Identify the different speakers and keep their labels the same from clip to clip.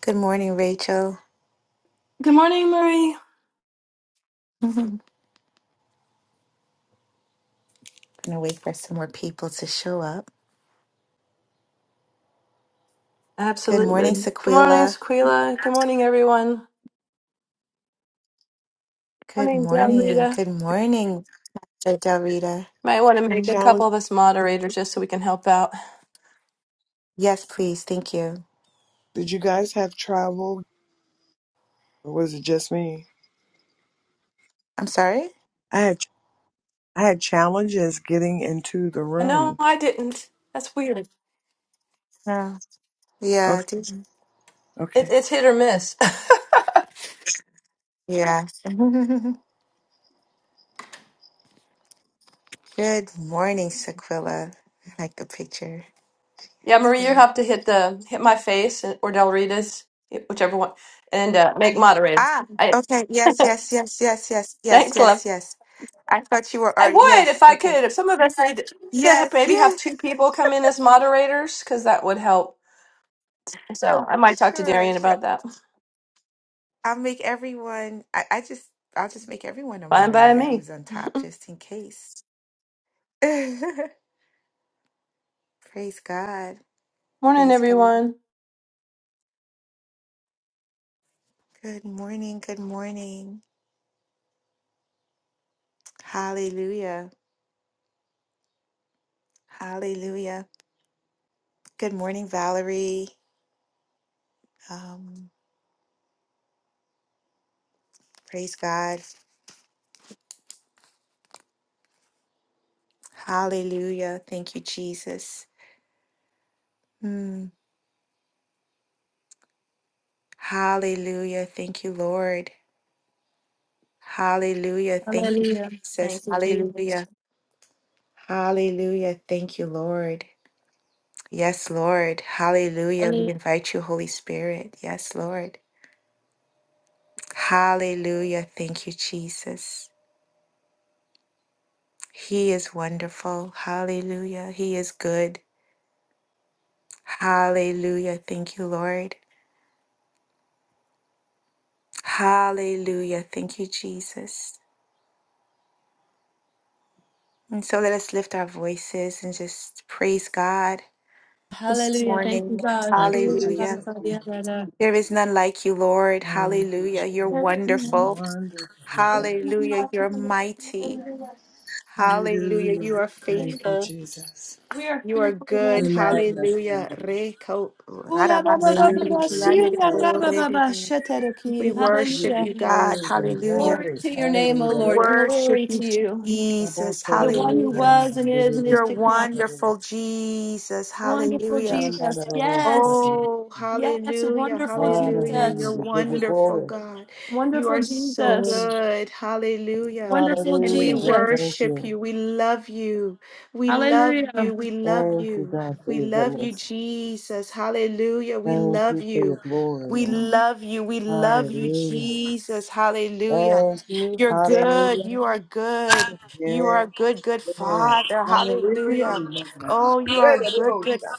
Speaker 1: Good morning, Rachel.
Speaker 2: Good morning, Marie.
Speaker 1: I'm gonna wait for some more people to show up. Good
Speaker 2: Absolutely.
Speaker 1: morning,
Speaker 2: Good morning,
Speaker 1: Sequila.
Speaker 2: Sequila. Good morning, everyone. Good
Speaker 1: Good
Speaker 2: morning,
Speaker 1: morning.
Speaker 2: Rita.
Speaker 1: Good morning, Del Rita.
Speaker 2: Might want to make a
Speaker 3: Challenge?
Speaker 2: couple of us moderators just so we can help out.
Speaker 1: Yes, please. Thank you.
Speaker 3: Did you guys have travel, or was it just me?
Speaker 1: I'm sorry?
Speaker 3: I had I had challenges getting into the
Speaker 2: No,
Speaker 3: room.
Speaker 2: I didn't. That's weird. It,
Speaker 1: No. Yeah. I
Speaker 3: Okay.
Speaker 1: did-
Speaker 3: Okay.
Speaker 2: it's hit or miss.
Speaker 1: Yeah. Good morning, Sequila. I like the picture.
Speaker 2: yeah,
Speaker 1: It's
Speaker 2: Marie, you
Speaker 1: very-
Speaker 2: have to hit the hit my face or Del Rita's, whichever one, and uh, make moderators.
Speaker 1: Ah,
Speaker 2: I,
Speaker 1: okay. Yes, yes, yes, yes, yes, yes,
Speaker 2: thanks, love.
Speaker 1: yes, yes. I thought you were
Speaker 2: I
Speaker 1: already.
Speaker 2: would if
Speaker 1: Yes,
Speaker 2: I
Speaker 1: okay.
Speaker 2: could. If some of us need to have,
Speaker 1: Yes,
Speaker 2: maybe have
Speaker 1: yes.
Speaker 2: two people come in as moderators, because that would help. So I might talk to
Speaker 1: Sure,
Speaker 2: Darian
Speaker 1: sure.
Speaker 2: about that.
Speaker 1: I'll make everyone. I, I just, I'll just make everyone a
Speaker 2: Fine by
Speaker 1: moderator
Speaker 2: me.
Speaker 1: who's on top, just in case. Praise God.
Speaker 2: Morning,
Speaker 1: Praise God.
Speaker 2: everyone.
Speaker 1: Good morning. Good morning. Hallelujah. Hallelujah. Good morning, Valerie. Um, praise God. Hallelujah. Thank you, Jesus. Mm. Hallelujah. Thank you, Lord. Hallelujah. Thank you,
Speaker 2: Hallelujah. Thank
Speaker 1: Jesus.
Speaker 2: you, Jesus.
Speaker 1: Hallelujah. Hallelujah. Thank you, Lord. Yes, Lord. Hallelujah. We
Speaker 2: Hallelujah.
Speaker 1: invite you, Holy Spirit. Yes, Lord. Hallelujah. Thank you, Jesus. He is wonderful. Hallelujah. He is good. Hallelujah. Thank you, Lord. Hallelujah. Thank you, Jesus. And so let us lift our voices and just praise God this
Speaker 2: Hallelujah. Thank you,
Speaker 1: morning.
Speaker 2: God.
Speaker 3: Thank you,
Speaker 1: Hallelujah.
Speaker 3: Jesus. We
Speaker 1: There is none like you, Lord.
Speaker 3: do.
Speaker 1: Hallelujah. You're
Speaker 3: We
Speaker 1: wonderful.
Speaker 3: wonder. We wonder.
Speaker 1: Hallelujah. You're mighty. Hallelujah. You
Speaker 3: Hallelujah.
Speaker 1: are
Speaker 3: Thank you,
Speaker 1: faithful.
Speaker 3: Jesus.
Speaker 2: We are
Speaker 1: You are good.
Speaker 3: We
Speaker 2: fearful.
Speaker 3: magnify
Speaker 1: Hallelujah.
Speaker 3: you.
Speaker 1: Reko-
Speaker 2: Ola
Speaker 3: We
Speaker 2: baba baba
Speaker 1: Rarabasande
Speaker 3: use your
Speaker 1: kiande de
Speaker 2: brasilia raba
Speaker 3: praise.
Speaker 2: baba
Speaker 1: We
Speaker 2: shetereki.
Speaker 3: We use
Speaker 1: worship
Speaker 3: your
Speaker 2: Hallelujah.
Speaker 1: you, God.
Speaker 3: praise and
Speaker 1: Hallelujah.
Speaker 2: Glory
Speaker 3: glory.
Speaker 2: to your name, O
Speaker 1: We
Speaker 2: Lord.
Speaker 3: Hallelujah.
Speaker 1: worship
Speaker 2: Glory
Speaker 1: you,
Speaker 2: to you.
Speaker 1: Jesus.
Speaker 2: To the one who
Speaker 1: Hallelujah.
Speaker 2: was and is and is
Speaker 1: You're
Speaker 2: to come.
Speaker 1: wonderful, Jesus.
Speaker 2: Wonderful
Speaker 1: Hallelujah.
Speaker 2: Jesus. Yes.
Speaker 1: Oh,
Speaker 2: Yes.
Speaker 1: hallelujah,
Speaker 2: Wonderful
Speaker 1: hallelujah. You're
Speaker 3: Hallelujah.
Speaker 2: Jesus.
Speaker 3: We give you
Speaker 1: wonderful,
Speaker 3: glory.
Speaker 1: God. You
Speaker 2: Wonderful
Speaker 1: are so
Speaker 2: Jesus.
Speaker 3: Mm.
Speaker 1: good. Hallelujah.
Speaker 2: Wonderful
Speaker 1: And we
Speaker 3: Hallelujah. We
Speaker 2: Jesus.
Speaker 3: thank
Speaker 1: worship
Speaker 3: you.
Speaker 1: you. We love you. We love
Speaker 2: Hallelujah.
Speaker 1: you. We love
Speaker 3: Thank you,
Speaker 1: you.
Speaker 3: God, for
Speaker 1: We
Speaker 3: your
Speaker 1: love you,
Speaker 3: goodness.
Speaker 1: Jesus. Hallelujah. We
Speaker 3: Thank
Speaker 1: love
Speaker 3: you for your
Speaker 1: you.
Speaker 3: glory,
Speaker 1: We
Speaker 3: Lord.
Speaker 1: love you. We love you,
Speaker 3: Hallelujah.
Speaker 1: Jesus. Hallelujah.
Speaker 3: Thank you.
Speaker 1: You're good.
Speaker 3: Hallelujah.
Speaker 1: You are good. You
Speaker 3: Yes,
Speaker 1: are a good, good
Speaker 3: yes.
Speaker 1: Father.
Speaker 3: Hallelujah.
Speaker 1: Hallelujah.
Speaker 3: We magnify.
Speaker 1: Oh, you are
Speaker 3: Hey,
Speaker 1: a
Speaker 3: the
Speaker 1: good,
Speaker 3: Lord,
Speaker 1: good
Speaker 3: shout.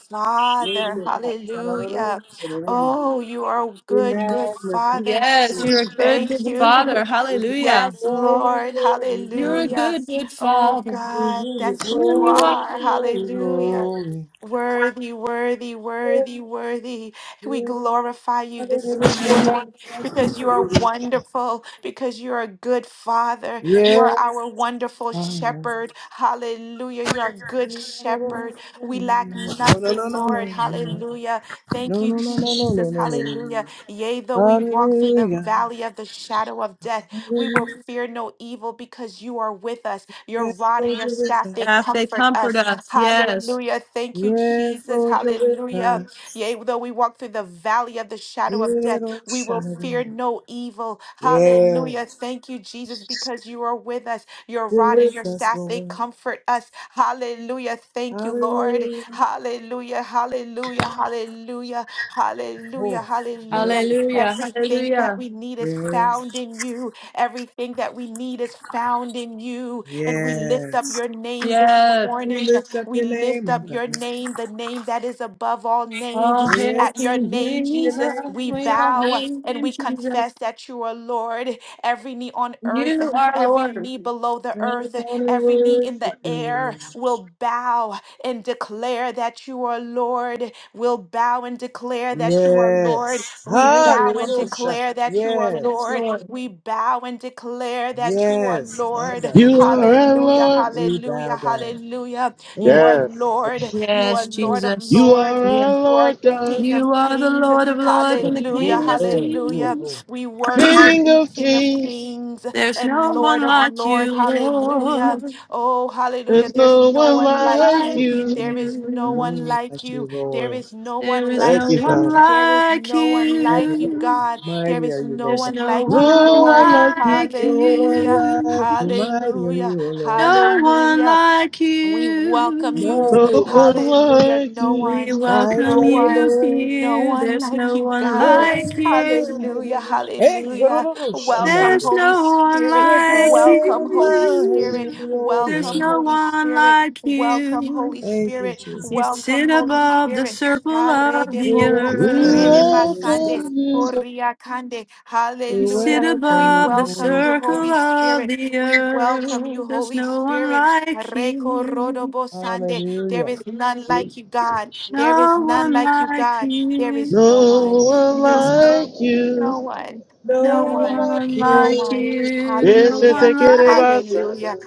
Speaker 3: Yes, yes. Hallelujah.
Speaker 1: Hallelujah.
Speaker 3: Hallelujah.
Speaker 1: Oh, you are a
Speaker 3: We
Speaker 1: good, good
Speaker 3: magnify
Speaker 1: Father.
Speaker 2: Yes,
Speaker 3: you.
Speaker 2: you're
Speaker 1: We
Speaker 2: a good,
Speaker 1: thank
Speaker 2: good father.
Speaker 1: you.
Speaker 3: We give you
Speaker 2: Hallelujah.
Speaker 1: Yes,
Speaker 3: glory,
Speaker 1: Lord.
Speaker 3: glory,
Speaker 2: You're
Speaker 3: glory.
Speaker 2: a
Speaker 1: Hallelujah.
Speaker 2: good, good
Speaker 1: Oh,
Speaker 2: father.
Speaker 3: We
Speaker 1: God,
Speaker 3: give you
Speaker 1: that's who
Speaker 2: Here
Speaker 1: you
Speaker 2: you
Speaker 3: glory,
Speaker 2: are.
Speaker 1: are. Hallelujah.
Speaker 3: glory,
Speaker 1: Worthy, worthy, worthy, worthy. We
Speaker 3: glory.
Speaker 1: glorify you this
Speaker 3: Yeah,
Speaker 1: morning because you are wonderful, because you are a good father. You are our wonderful
Speaker 3: Father.
Speaker 2: Mm-hmm.
Speaker 1: shepherd. Hallelujah. You're a good
Speaker 3: No, no, no,
Speaker 1: shepherd.
Speaker 3: no,
Speaker 1: We lack
Speaker 3: no, no, no, no, no,
Speaker 1: nothing,
Speaker 3: no,
Speaker 1: Lord. Hallelujah. Thank you,
Speaker 3: no, no, no,
Speaker 1: Jesus.
Speaker 3: no,
Speaker 1: Hallelujah.
Speaker 3: no.
Speaker 1: Yea, though we walk through the
Speaker 3: Hallelujah.
Speaker 1: valley of the shadow of death, we will
Speaker 3: Hallelujah.
Speaker 1: fear no evil because you are with us. Your
Speaker 3: Yes,
Speaker 1: rod and
Speaker 3: Lord,
Speaker 1: your
Speaker 3: you're with
Speaker 1: staff, they
Speaker 2: Yeah,
Speaker 3: us.
Speaker 2: they
Speaker 1: comfort
Speaker 2: comfort
Speaker 1: us.
Speaker 2: us. Yes.
Speaker 1: Hallelujah. Thank you,
Speaker 3: Yes,
Speaker 1: Jesus.
Speaker 3: Lord, you're with
Speaker 1: Hallelujah.
Speaker 3: us.
Speaker 1: Yea, though we walk through the valley of the shadow of death,
Speaker 3: Little
Speaker 1: we will fear
Speaker 3: Shannon.
Speaker 1: no evil. Hallelujah.
Speaker 3: Yes,
Speaker 1: Thank you, Jesus, because you are with us. Your
Speaker 3: you're
Speaker 1: rod and
Speaker 3: with
Speaker 1: your
Speaker 3: us,
Speaker 1: staff, they
Speaker 3: Lord.
Speaker 1: comfort us. Hallelujah. Thank you, Lord.
Speaker 3: Hallelujah.
Speaker 1: Hallelujah. Hallelujah. Hallelujah. Hallelujah.
Speaker 3: Oh,
Speaker 1: Hallelujah.
Speaker 3: hallelujah.
Speaker 2: Hallelujah.
Speaker 1: Everything that
Speaker 2: Hallelujah.
Speaker 1: we need is
Speaker 3: Yes,
Speaker 1: found in you. Everything that we need is found in you. And we lift up
Speaker 3: yes.
Speaker 1: your name this
Speaker 2: Yes.
Speaker 3: We
Speaker 1: morning.
Speaker 3: lift up
Speaker 1: We
Speaker 3: your
Speaker 1: lift up
Speaker 3: name, oh God.
Speaker 1: your name, the name that is above all names.
Speaker 2: All hail
Speaker 3: Yes,
Speaker 1: At your
Speaker 2: King
Speaker 3: lift
Speaker 1: name,
Speaker 3: your
Speaker 2: Jesus.
Speaker 3: name.
Speaker 1: Jesus, we
Speaker 2: We all
Speaker 1: bow
Speaker 2: hail
Speaker 1: and
Speaker 2: him,
Speaker 1: we
Speaker 2: Jesus.
Speaker 1: confess that you are Lord. Every knee on earth,
Speaker 2: You are
Speaker 1: every
Speaker 2: Lord.
Speaker 1: knee below the
Speaker 3: I
Speaker 1: earth,
Speaker 3: want to
Speaker 1: every knee in the
Speaker 3: worship you,
Speaker 1: air
Speaker 3: Lord.
Speaker 1: will bow and declare that you are Lord. Will bow and declare that you are Lord.
Speaker 3: Yes.
Speaker 1: We
Speaker 2: Yes,
Speaker 1: bow and
Speaker 2: Lord.
Speaker 3: Hallelujah.
Speaker 1: declare that you are
Speaker 3: Yes.
Speaker 2: Yes,
Speaker 1: Lord.
Speaker 2: Lord.
Speaker 1: We bow and declare that you are
Speaker 3: Yes. My
Speaker 1: Lord.
Speaker 3: God.
Speaker 4: You are our
Speaker 1: Hallelujah,
Speaker 4: Lord.
Speaker 3: We
Speaker 1: hallelujah,
Speaker 3: bow down.
Speaker 1: hallelujah. You are
Speaker 3: Mm.
Speaker 4: Yes.
Speaker 1: Lord. You
Speaker 2: Yes,
Speaker 1: are Lord of
Speaker 2: Jesus.
Speaker 4: You
Speaker 1: lords.
Speaker 4: are
Speaker 2: Yeah.
Speaker 4: our
Speaker 1: You are
Speaker 4: Lord God,
Speaker 1: King of
Speaker 2: You are the
Speaker 1: kings.
Speaker 2: Lord of Lords and
Speaker 3: Lord,
Speaker 2: the
Speaker 1: Hallelujah,
Speaker 3: You are
Speaker 2: King of
Speaker 3: Lord. You are
Speaker 1: hallelujah.
Speaker 3: Lord.
Speaker 2: Kings.
Speaker 1: We worship
Speaker 4: King
Speaker 1: you,
Speaker 4: of
Speaker 1: King of
Speaker 4: kings.
Speaker 1: kings
Speaker 2: There's
Speaker 1: and
Speaker 2: no
Speaker 1: Lord
Speaker 2: one
Speaker 1: of
Speaker 2: like you,
Speaker 1: lords. Hallelujah.
Speaker 2: Lord.
Speaker 1: Oh, hallelujah.
Speaker 4: There's
Speaker 1: There's
Speaker 4: no
Speaker 1: no
Speaker 2: No
Speaker 4: one
Speaker 1: one
Speaker 2: one
Speaker 1: like
Speaker 4: like
Speaker 1: you.
Speaker 2: like
Speaker 4: you.
Speaker 1: There is no
Speaker 3: No
Speaker 2: you.
Speaker 1: one
Speaker 3: one
Speaker 1: like
Speaker 3: like you,
Speaker 1: you. There
Speaker 3: Lord.
Speaker 1: is no
Speaker 2: There
Speaker 1: one
Speaker 2: is
Speaker 4: Thank
Speaker 2: no
Speaker 1: like
Speaker 4: you,
Speaker 1: you.
Speaker 2: one
Speaker 4: Father.
Speaker 1: There is
Speaker 2: like
Speaker 1: no one
Speaker 3: Mighty
Speaker 1: like
Speaker 3: are
Speaker 1: you,
Speaker 3: you.
Speaker 2: you.
Speaker 1: God. There
Speaker 3: Mighty are
Speaker 1: is
Speaker 3: you,
Speaker 1: no
Speaker 3: Lord
Speaker 2: There's
Speaker 3: God.
Speaker 1: one
Speaker 2: no
Speaker 1: like you,
Speaker 2: one
Speaker 4: No
Speaker 1: Lord.
Speaker 4: one like you.
Speaker 2: like
Speaker 3: No one
Speaker 1: Hallelujah,
Speaker 2: you.
Speaker 3: like you. Mighty are
Speaker 1: hallelujah,
Speaker 3: you, O Lord.
Speaker 2: No one
Speaker 1: hallelujah.
Speaker 2: like
Speaker 1: We welcome
Speaker 2: you.
Speaker 1: you.
Speaker 4: No
Speaker 3: Mighty,
Speaker 4: one
Speaker 1: Hallelujah.
Speaker 4: like
Speaker 1: No
Speaker 4: you.
Speaker 2: We
Speaker 1: one,
Speaker 3: mighty
Speaker 1: no
Speaker 2: welcome
Speaker 3: are you,
Speaker 2: you
Speaker 1: one,
Speaker 3: Lord.
Speaker 1: no
Speaker 2: here.
Speaker 1: one
Speaker 2: There's
Speaker 1: like
Speaker 2: no
Speaker 1: you,
Speaker 2: one
Speaker 1: God.
Speaker 3: Very
Speaker 2: like
Speaker 1: Hallelujah.
Speaker 2: you.
Speaker 3: mighty. Hey,
Speaker 1: Hallelujah. Welcome,
Speaker 2: There's
Speaker 3: Hallelujah.
Speaker 1: Holy
Speaker 2: no one
Speaker 1: Spirit.
Speaker 3: You're
Speaker 2: like
Speaker 3: great
Speaker 1: Welcome,
Speaker 3: and
Speaker 1: Holy
Speaker 2: you.
Speaker 3: mighty,
Speaker 1: Spirit.
Speaker 3: O
Speaker 2: There's
Speaker 1: Welcome,
Speaker 3: Lord.
Speaker 2: no
Speaker 1: Holy
Speaker 2: one
Speaker 1: Spirit.
Speaker 2: like
Speaker 1: Welcome,
Speaker 2: you.
Speaker 1: Holy
Speaker 3: Thank you,
Speaker 1: Spirit.
Speaker 2: You
Speaker 3: Jesus.
Speaker 1: Welcome,
Speaker 2: sit
Speaker 1: Holy
Speaker 2: above the
Speaker 1: Spirit.
Speaker 2: circle
Speaker 1: Ha, re
Speaker 2: of
Speaker 1: de
Speaker 3: We
Speaker 2: the
Speaker 1: boko,
Speaker 4: We
Speaker 1: re
Speaker 3: welcome you,
Speaker 1: de
Speaker 2: earth.
Speaker 3: Holy Spirit.
Speaker 1: basande,
Speaker 4: welcome
Speaker 1: ho,
Speaker 4: you. God.
Speaker 1: kande.
Speaker 3: We
Speaker 2: You sit
Speaker 1: Hallelujah.
Speaker 3: welcome
Speaker 1: We
Speaker 3: you,
Speaker 2: above the
Speaker 1: welcome
Speaker 3: Holy Spirit.
Speaker 1: you,
Speaker 2: circle
Speaker 1: Holy
Speaker 2: of
Speaker 1: Spirit.
Speaker 2: the
Speaker 1: We welcome
Speaker 2: earth.
Speaker 1: you,
Speaker 2: There's
Speaker 1: Holy
Speaker 2: no one
Speaker 1: Spirit.
Speaker 2: like
Speaker 1: Areko
Speaker 2: you.
Speaker 1: rodobo sande. There
Speaker 3: Hallelujah.
Speaker 1: is none like you, God. There is
Speaker 2: No
Speaker 1: none
Speaker 2: one
Speaker 1: like you,
Speaker 2: like
Speaker 1: God. There is
Speaker 2: you.
Speaker 1: no
Speaker 4: No
Speaker 1: one.
Speaker 4: one
Speaker 1: No
Speaker 2: There's no
Speaker 4: like you.
Speaker 1: no one,
Speaker 3: No
Speaker 2: no
Speaker 1: no
Speaker 3: one
Speaker 1: one,
Speaker 3: like
Speaker 2: one
Speaker 1: no
Speaker 2: like
Speaker 1: one.
Speaker 3: you.
Speaker 2: you. No
Speaker 4: Yes, I
Speaker 1: Hallelujah,
Speaker 2: one
Speaker 4: take it
Speaker 2: like
Speaker 4: about
Speaker 1: hallelujah,
Speaker 4: Sadu.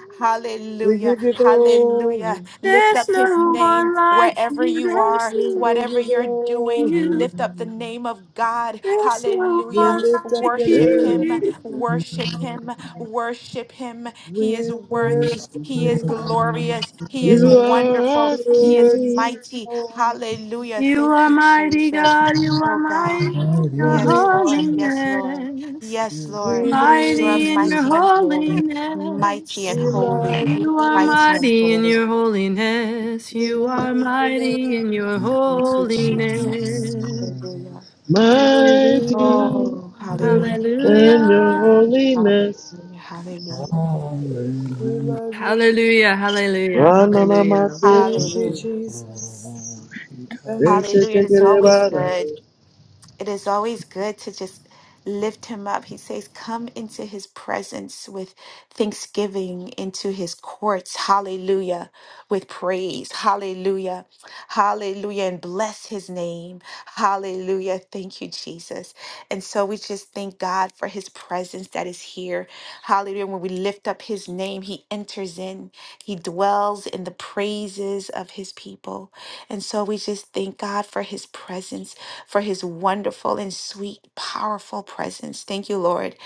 Speaker 3: We
Speaker 1: hallelujah,
Speaker 3: give you
Speaker 1: hallelujah.
Speaker 3: glory.
Speaker 1: Lift
Speaker 2: There's
Speaker 1: up his
Speaker 2: no
Speaker 1: name
Speaker 2: one like
Speaker 1: wherever
Speaker 2: you.
Speaker 1: you
Speaker 2: There's
Speaker 1: are,
Speaker 3: We
Speaker 2: no one
Speaker 3: give
Speaker 1: whatever
Speaker 3: you
Speaker 1: you're
Speaker 2: like
Speaker 1: doing.
Speaker 2: you.
Speaker 3: glory.
Speaker 1: Lift up the name of God.
Speaker 2: There's no
Speaker 3: We
Speaker 1: Hallelujah.
Speaker 2: one
Speaker 3: lift up
Speaker 2: like
Speaker 3: your
Speaker 1: Worship
Speaker 3: name,
Speaker 4: Yeah.
Speaker 3: O
Speaker 1: him,
Speaker 2: you.
Speaker 3: God.
Speaker 1: worship
Speaker 5: Ishaka
Speaker 1: him, worship him. He is
Speaker 3: We
Speaker 1: worthy,
Speaker 3: worship
Speaker 1: he is
Speaker 3: you.
Speaker 1: glorious, he is
Speaker 4: You are
Speaker 1: wonderful,
Speaker 3: We
Speaker 4: our
Speaker 1: he is
Speaker 3: worship
Speaker 4: King,
Speaker 3: you,
Speaker 1: mighty.
Speaker 3: Lord.
Speaker 1: Hallelujah.
Speaker 2: You
Speaker 1: Thank
Speaker 2: are
Speaker 1: you,
Speaker 2: mighty
Speaker 1: Jesus.
Speaker 2: God. You are
Speaker 1: Oh God.
Speaker 2: mighty in
Speaker 3: We
Speaker 2: your
Speaker 1: Yes,
Speaker 3: need
Speaker 1: Lord.
Speaker 3: you.
Speaker 1: Yes, Lord.
Speaker 2: holiness.
Speaker 1: Yes, Lord.
Speaker 3: We
Speaker 1: You are
Speaker 3: need
Speaker 2: Mighty in
Speaker 3: you.
Speaker 2: your
Speaker 1: mighty and holy, mighty
Speaker 2: holiness.
Speaker 1: and
Speaker 3: We
Speaker 1: holy,
Speaker 3: love
Speaker 2: You are
Speaker 3: you.
Speaker 1: mighty and
Speaker 2: mighty in
Speaker 1: holy.
Speaker 2: your holiness.
Speaker 3: We
Speaker 2: You
Speaker 3: love
Speaker 2: are
Speaker 3: you,
Speaker 2: mighty
Speaker 3: Lord.
Speaker 2: in your
Speaker 1: Thank you, Jesus.
Speaker 2: holiness.
Speaker 1: Hallelujah.
Speaker 2: Hallelujah.
Speaker 4: mighty,
Speaker 1: Oh,
Speaker 3: We
Speaker 1: hallelujah.
Speaker 3: love
Speaker 4: and your
Speaker 2: Hallelujah.
Speaker 4: holiness.
Speaker 1: Hallelujah. Hallelujah.
Speaker 3: you, love you.
Speaker 2: Hallelujah. Hallelujah.
Speaker 4: Amen.
Speaker 2: Hallelujah.
Speaker 3: Thank you,
Speaker 1: Hallelujah.
Speaker 3: Jesus. Thank you.
Speaker 1: Hallelujah. It's always good. It is always good to just lift him up. He says, Come into his presence with thanksgiving, into his courts, hallelujah, with praise, hallelujah, hallelujah, and bless his name, hallelujah. Thank you, Jesus. And so we just thank God for his presence that is here, hallelujah. When we lift up his name, he enters in, he dwells in the praises of his people. And so we just thank God for his presence for his wonderful and sweet, powerful presence. Thank you, Lord.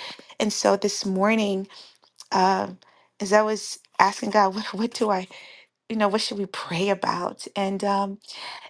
Speaker 1: And so this morning, um, as I was asking God, what, what do I, you know, what should we pray about? And um,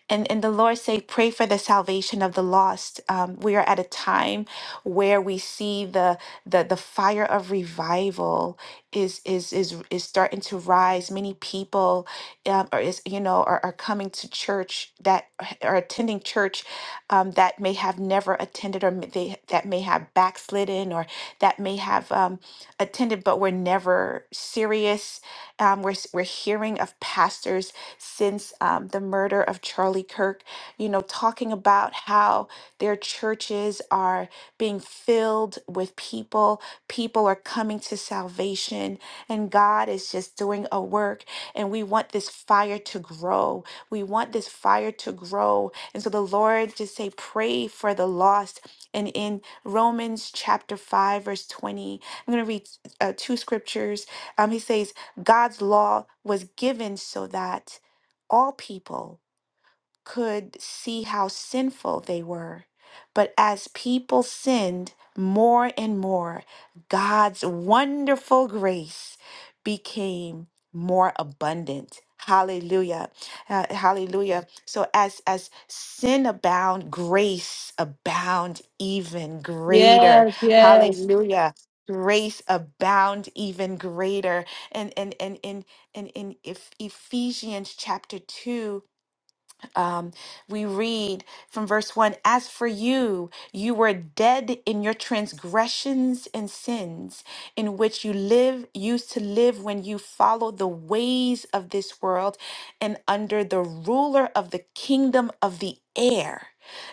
Speaker 1: and and the Lord say, pray for the salvation of the lost. Um, we are at a time where we see the the the fire of revival is is is is starting to rise. Many people, um, or is you know, are, are coming to church that are attending church um, that may have never attended, or may- they that may have backslidden, or that may have um, attended but were never serious. Um, we're s- we're hearing of pastors since um, the murder of Charlie Kirk, you know, talking about how their churches are being filled with people, people are coming to salvation, and God is just doing a work. And we want this fire to grow. We want this fire to grow. And so the Lord just say, pray for the lost. And in Romans chapter 5, verse 20, I'm going to read uh, two scriptures. Um, he says, God's law was given so that all people could see how sinful they were. But as people sinned more and more, God's wonderful grace became more abundant. Hallelujah. Uh, hallelujah. So as as sin abound, grace abound even greater.
Speaker 2: Yes, yes.
Speaker 1: Hallelujah. Grace abound even greater. And and and in and in Eph- Ephesians chapter 2 um, we read from verse 1 As for you, you were dead in your transgressions and sins, in which you live, used to live when you followed the ways of this world and under the ruler of the kingdom of the air,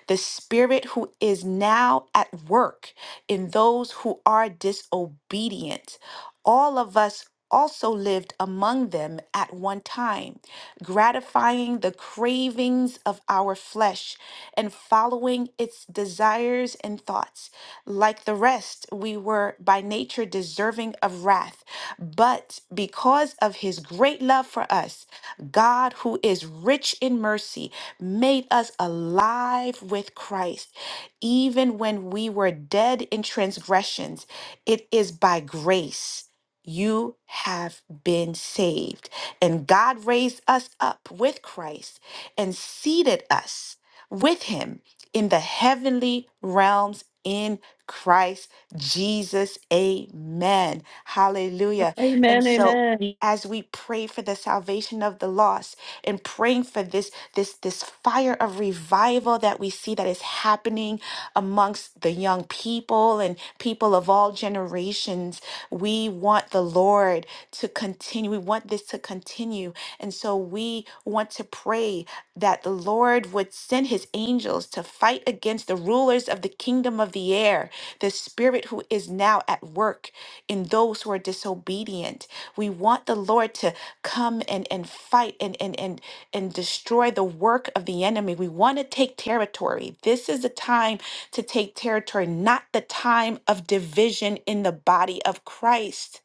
Speaker 1: the spirit who is now at work in those who are disobedient. All of us also lived among them at one time gratifying the cravings of our flesh and following its desires and thoughts. Like the rest, we were by nature deserving of wrath. But because of his great love for us, God, who is rich in mercy, made us alive with Christ. Even when we were dead in transgressions, it is by grace you have been saved. And God raised us up with Christ and seated us with him in the heavenly realms in Christ Jesus. Amen. Hallelujah. And
Speaker 2: Amen.
Speaker 1: so
Speaker 2: Amen.
Speaker 1: as we pray for the salvation of the lost and praying for this this this fire of revival that we see that is happening amongst the young people and people of all generations. We want the Lord to continue. We want this to continue. And so we want to pray that the Lord would send his angels to fight against the rulers of the kingdom of the air, the spirit who is now at work in those who are disobedient. We want the Lord to come and, and fight and, and, and, and destroy the work of the enemy. We want to take territory. This is the time to take territory, not the time of division in the body of Christ,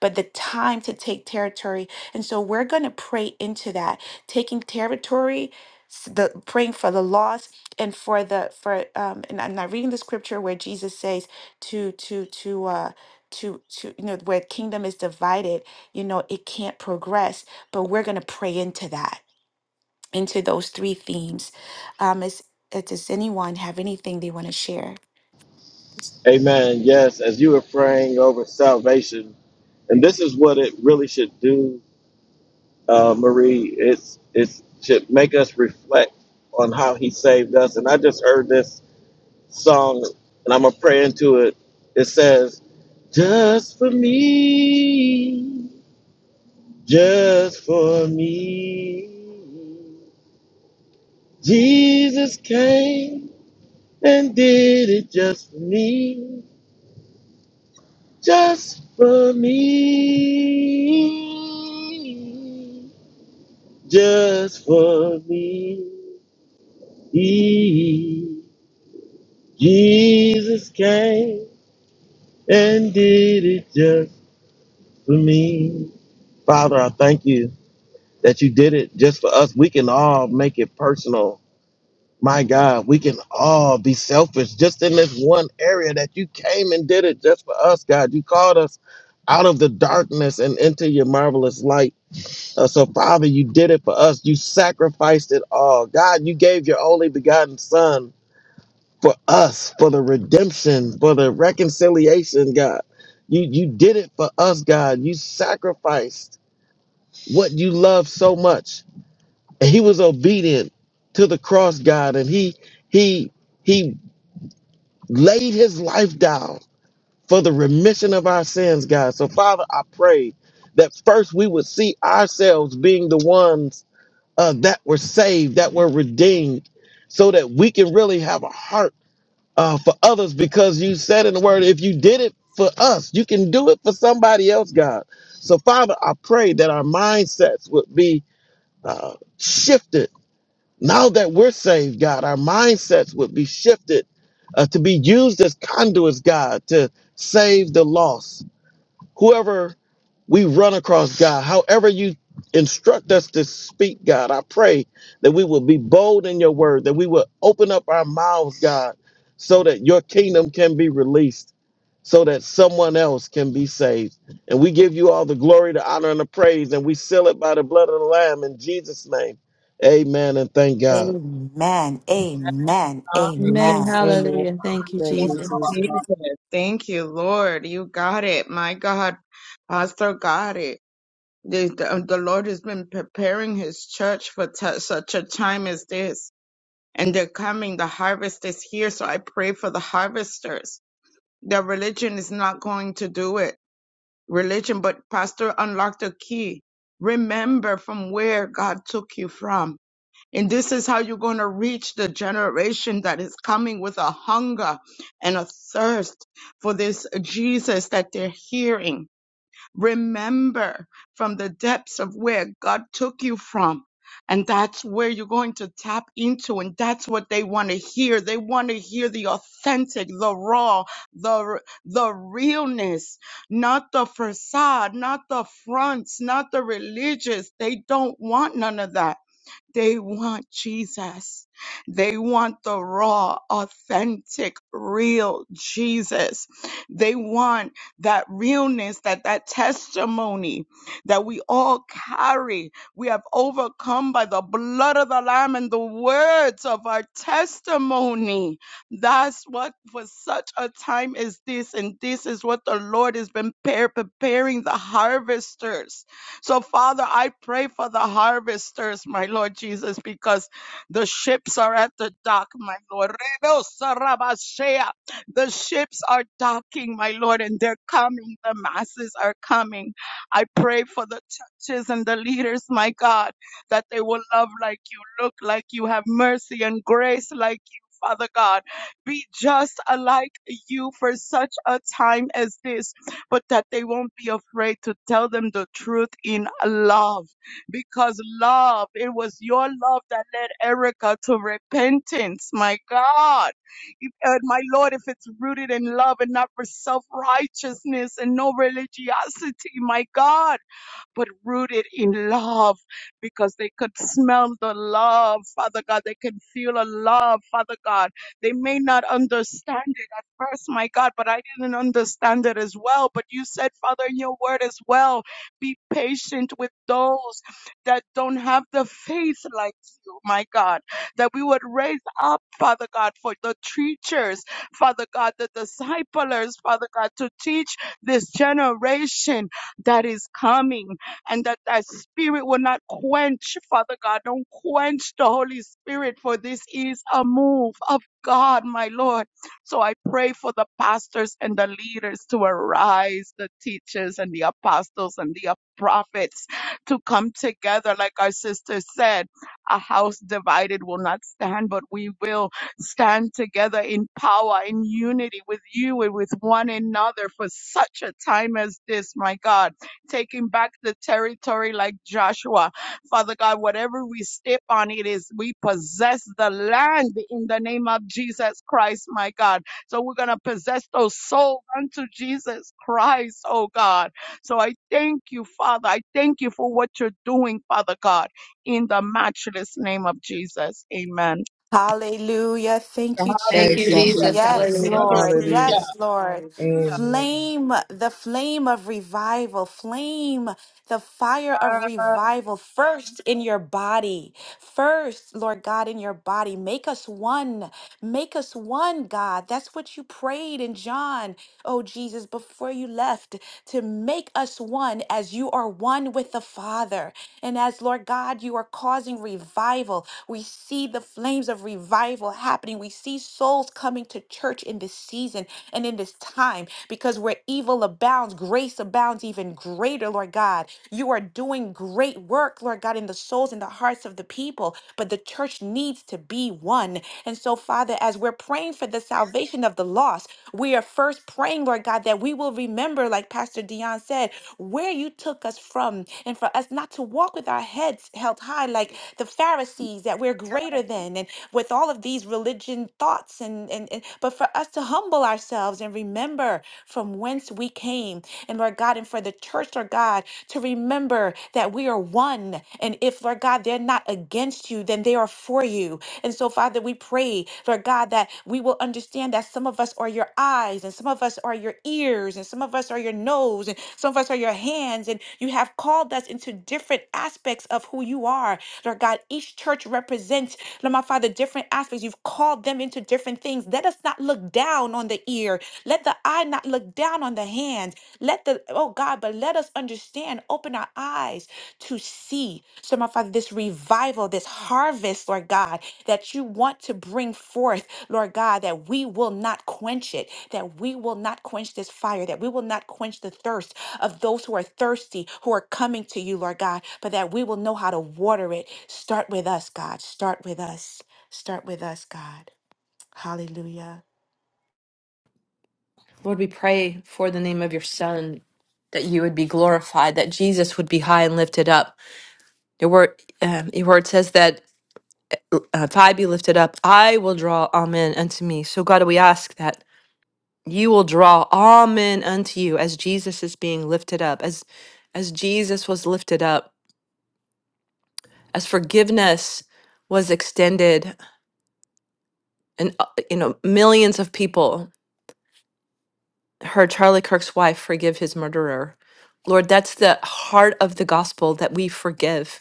Speaker 1: but the time to take territory. And so we're going to pray into that, taking territory, s- the praying for the lost and for the for um and I'm not reading the scripture where Jesus says to to to uh to to you know where kingdom is divided, you know, it can't progress, but we're going to pray into that, into those three themes. Um is uh, does anyone have anything they want to share?
Speaker 4: Yes, as you were praying over salvation, and this is what it really should do, uh, Marie. It's it should make us reflect on how He saved us. And I just heard this song, and I'm gonna pray into it. It says, "Just for me, just for me, Jesus came." and did it just for me, just for me, just for me. He- Jesus came and did it just for me. Father, I thank you that you did it just for us. We can all make it personal My God, we can all be selfish just in this one area that you came and did it just for us, God. You called us out of the darkness and into your marvelous light. Uh, so, Father, you did it for us. You sacrificed it all. God, you gave your only begotten Son for us, for the redemption, for the reconciliation, God. You, you did it for us, God. You sacrificed what you love so much. And he was obedient to the cross, God, and he he he laid his life down for the remission of our sins, God. So, Father, I pray that first we would see ourselves being the ones uh, that were saved, that were redeemed, so that we can really have a heart uh, for others because you said in the word, if you did it for us, you can do it for somebody else, God. So, Father, I pray that our mindsets would be uh, shifted now that we're saved, God, our mindsets would be shifted uh, to be used as conduits, God, to save the lost. Whoever we run across, God, however you instruct us to speak, God, I pray that we will be bold in your word, that we will open up our mouths, God, so that your kingdom can be released, so that someone else can be saved. And we give you all the glory, the honor, and the praise, and we seal it by the blood of the Lamb in Jesus' name. Amen and thank God.
Speaker 1: Amen. Amen.
Speaker 6: Hallelujah.
Speaker 2: Amen.
Speaker 1: Amen.
Speaker 3: Amen.
Speaker 2: Hallelujah. Thank you,
Speaker 3: Thank
Speaker 6: Thank
Speaker 3: you,
Speaker 6: you,
Speaker 2: Jesus.
Speaker 3: Jesus.
Speaker 6: Jesus. Thank you, Lord. You got it. My God, Pastor got it. The, the, the Lord has been preparing his church for t- such a time as this. And they're coming. The harvest is here. So I pray for the harvesters. Their religion is not going to do it. Religion, but Pastor unlocked a key. Remember from where God took you from and this is how you're going to reach the generation that is coming with a hunger and a thirst for this Jesus that they're hearing. Remember from the depths of where God took you from. And that's where you're going to tap into. And that's what they want to hear. They want to hear the authentic, the raw, the, the realness, not the facade, not the fronts, not the religious. They don't want none of that they want Jesus. They want the raw, authentic, real Jesus. They want that realness, that, that testimony that we all carry. We have overcome by the blood of the Lamb and the words of our testimony. That's what for such a time as this. And this is what the Lord has been pre- preparing the harvesters so, Father, I pray for the harvesters, my Lord Jesus, because the ships are at the dock, my Lord. Rebo sarabashea. The ships are docking, my Lord, and they're coming. The masses are coming. I pray for the churches and the leaders, my God, that they will love like you, look like you, have mercy and grace like you. Father God, be just alike you for such a time as this but that they won't be afraid to tell them the truth in love. Because love, it was your love that led Erica to repentance. My God. If- uh, my Lord, if it's rooted in love and not for self righteousness and no religiosity, my God but rooted in love because they could smell the love, Father God. They can feel a love, Father God. They may not understand it at first, my God, but I didn't understand it as well. But you said, Father, in your word as well, be patient with those that don't have the faith like you, my God, that we would raise up, Father God, for the teachers, Father God, the disciplers, Father God, to teach this generation that is coming and that thy spirit will not quench, Father God. Don't quench the Holy Spirit, for this is a move of God, my Lord. So I pray for the pastors and the leaders to arise, the teachers and the apostles and the prophets to come together, like our sister said. A house divided will not stand, but we will stand together in power, in unity with you and with one another for such a time as this, my God taking back the territory like Joshua. Father God, whatever we step on, it is we possess the land in the name of Jesus Christ, my God. So we're going to possess those souls unto Jesus Christ, oh God. So I thank you, Father. I thank you for what you're doing, Father God, in the matchless name of Jesus. Amen.
Speaker 1: Hallelujah. Thank you,
Speaker 2: Thank
Speaker 3: Thank
Speaker 2: you,
Speaker 3: you,
Speaker 1: Jesus.
Speaker 6: Hallelujah.
Speaker 2: Jesus.
Speaker 1: Yes,
Speaker 3: Jesus.
Speaker 2: Hallelujah.
Speaker 1: Lord.
Speaker 6: Hallelujah.
Speaker 3: Hallelujah.
Speaker 1: Yes, Lord.
Speaker 3: Amen.
Speaker 1: Flame, the flame of revival, flame, the fire of revival first in your body. First, Lord God, in your body. Make us one. Make us one, God. That's what you prayed in John. oh Jesus, before you left to make us one as you are one with the Father. And as Lord God, you are causing revival. We see the flames of revival happening. We see souls coming to church in this season and in this time because where evil abounds, grace abounds even greater, Lord God. You are doing great work, Lord God, in the souls and the hearts of the people, but the church needs to be be one. And so, Father, as we're praying for the salvation of the lost, we are first praying, Lord God, that we will remember, like Pastor Dion said, where you took us from, and for us not to walk with our heads held high like the Pharisees, that we're greater than, and with all of these religion thoughts, and, and, and but for us to humble ourselves and remember from whence we came. And Lord God, and for the church, Lord God, to remember remember that we are one. And if, Lord God, they're not against you, then they are for you. And so, Father, we pray, Lord God, that we will understand that some of us are your eyes, and some of us are your ears, and some of us are your nose, and some of us are your hands. And you have called us into different aspects of who you are. Lord God, each church represents, Lord my Father, different aspects. You've called them into different things. Let us not look down on the ear. Let the I not look down on the hand. Let the oh God, but let us understand, open our eyes to see. So, my Father, this revival, this harvest, Lord God, that you want to bring forth, Lord God, that we will not quench it, that we will not quench this fire, that we will not quench the thirst of those who are thirsty, who are coming to you, Lord God, but that we will know how to water it. Start with us, God. Start with us. Start with us, God. Hallelujah.
Speaker 2: Lord, we pray for the name of your Son that you would be glorified, that Jesus would be high and lifted up. Your word, um, your word says that uh, if I be lifted up, I will draw all men unto me. So, God, we ask that. You will draw all men unto you as Jesus is being lifted up, as as Jesus was lifted up, as forgiveness was extended, and uh, you know millions of people heard Charlie Kirk's wife forgive his murderer. Lord, that's the heart of the gospel that we forgive.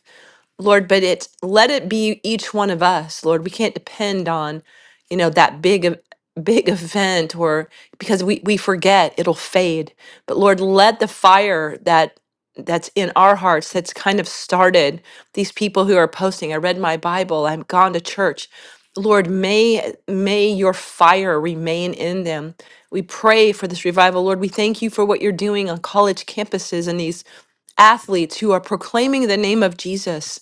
Speaker 2: Lord, but it let it be each one of us, Lord. We can't depend on, you know, that big of big event or because we we forget it'll fade. But Lord, let the fire that that's in our hearts that's kind of started these people who are posting i read my bible i've gone to church lord may may your fire remain in them we pray for this revival lord we thank you for what you're doing on college campuses and these athletes who are proclaiming the name of jesus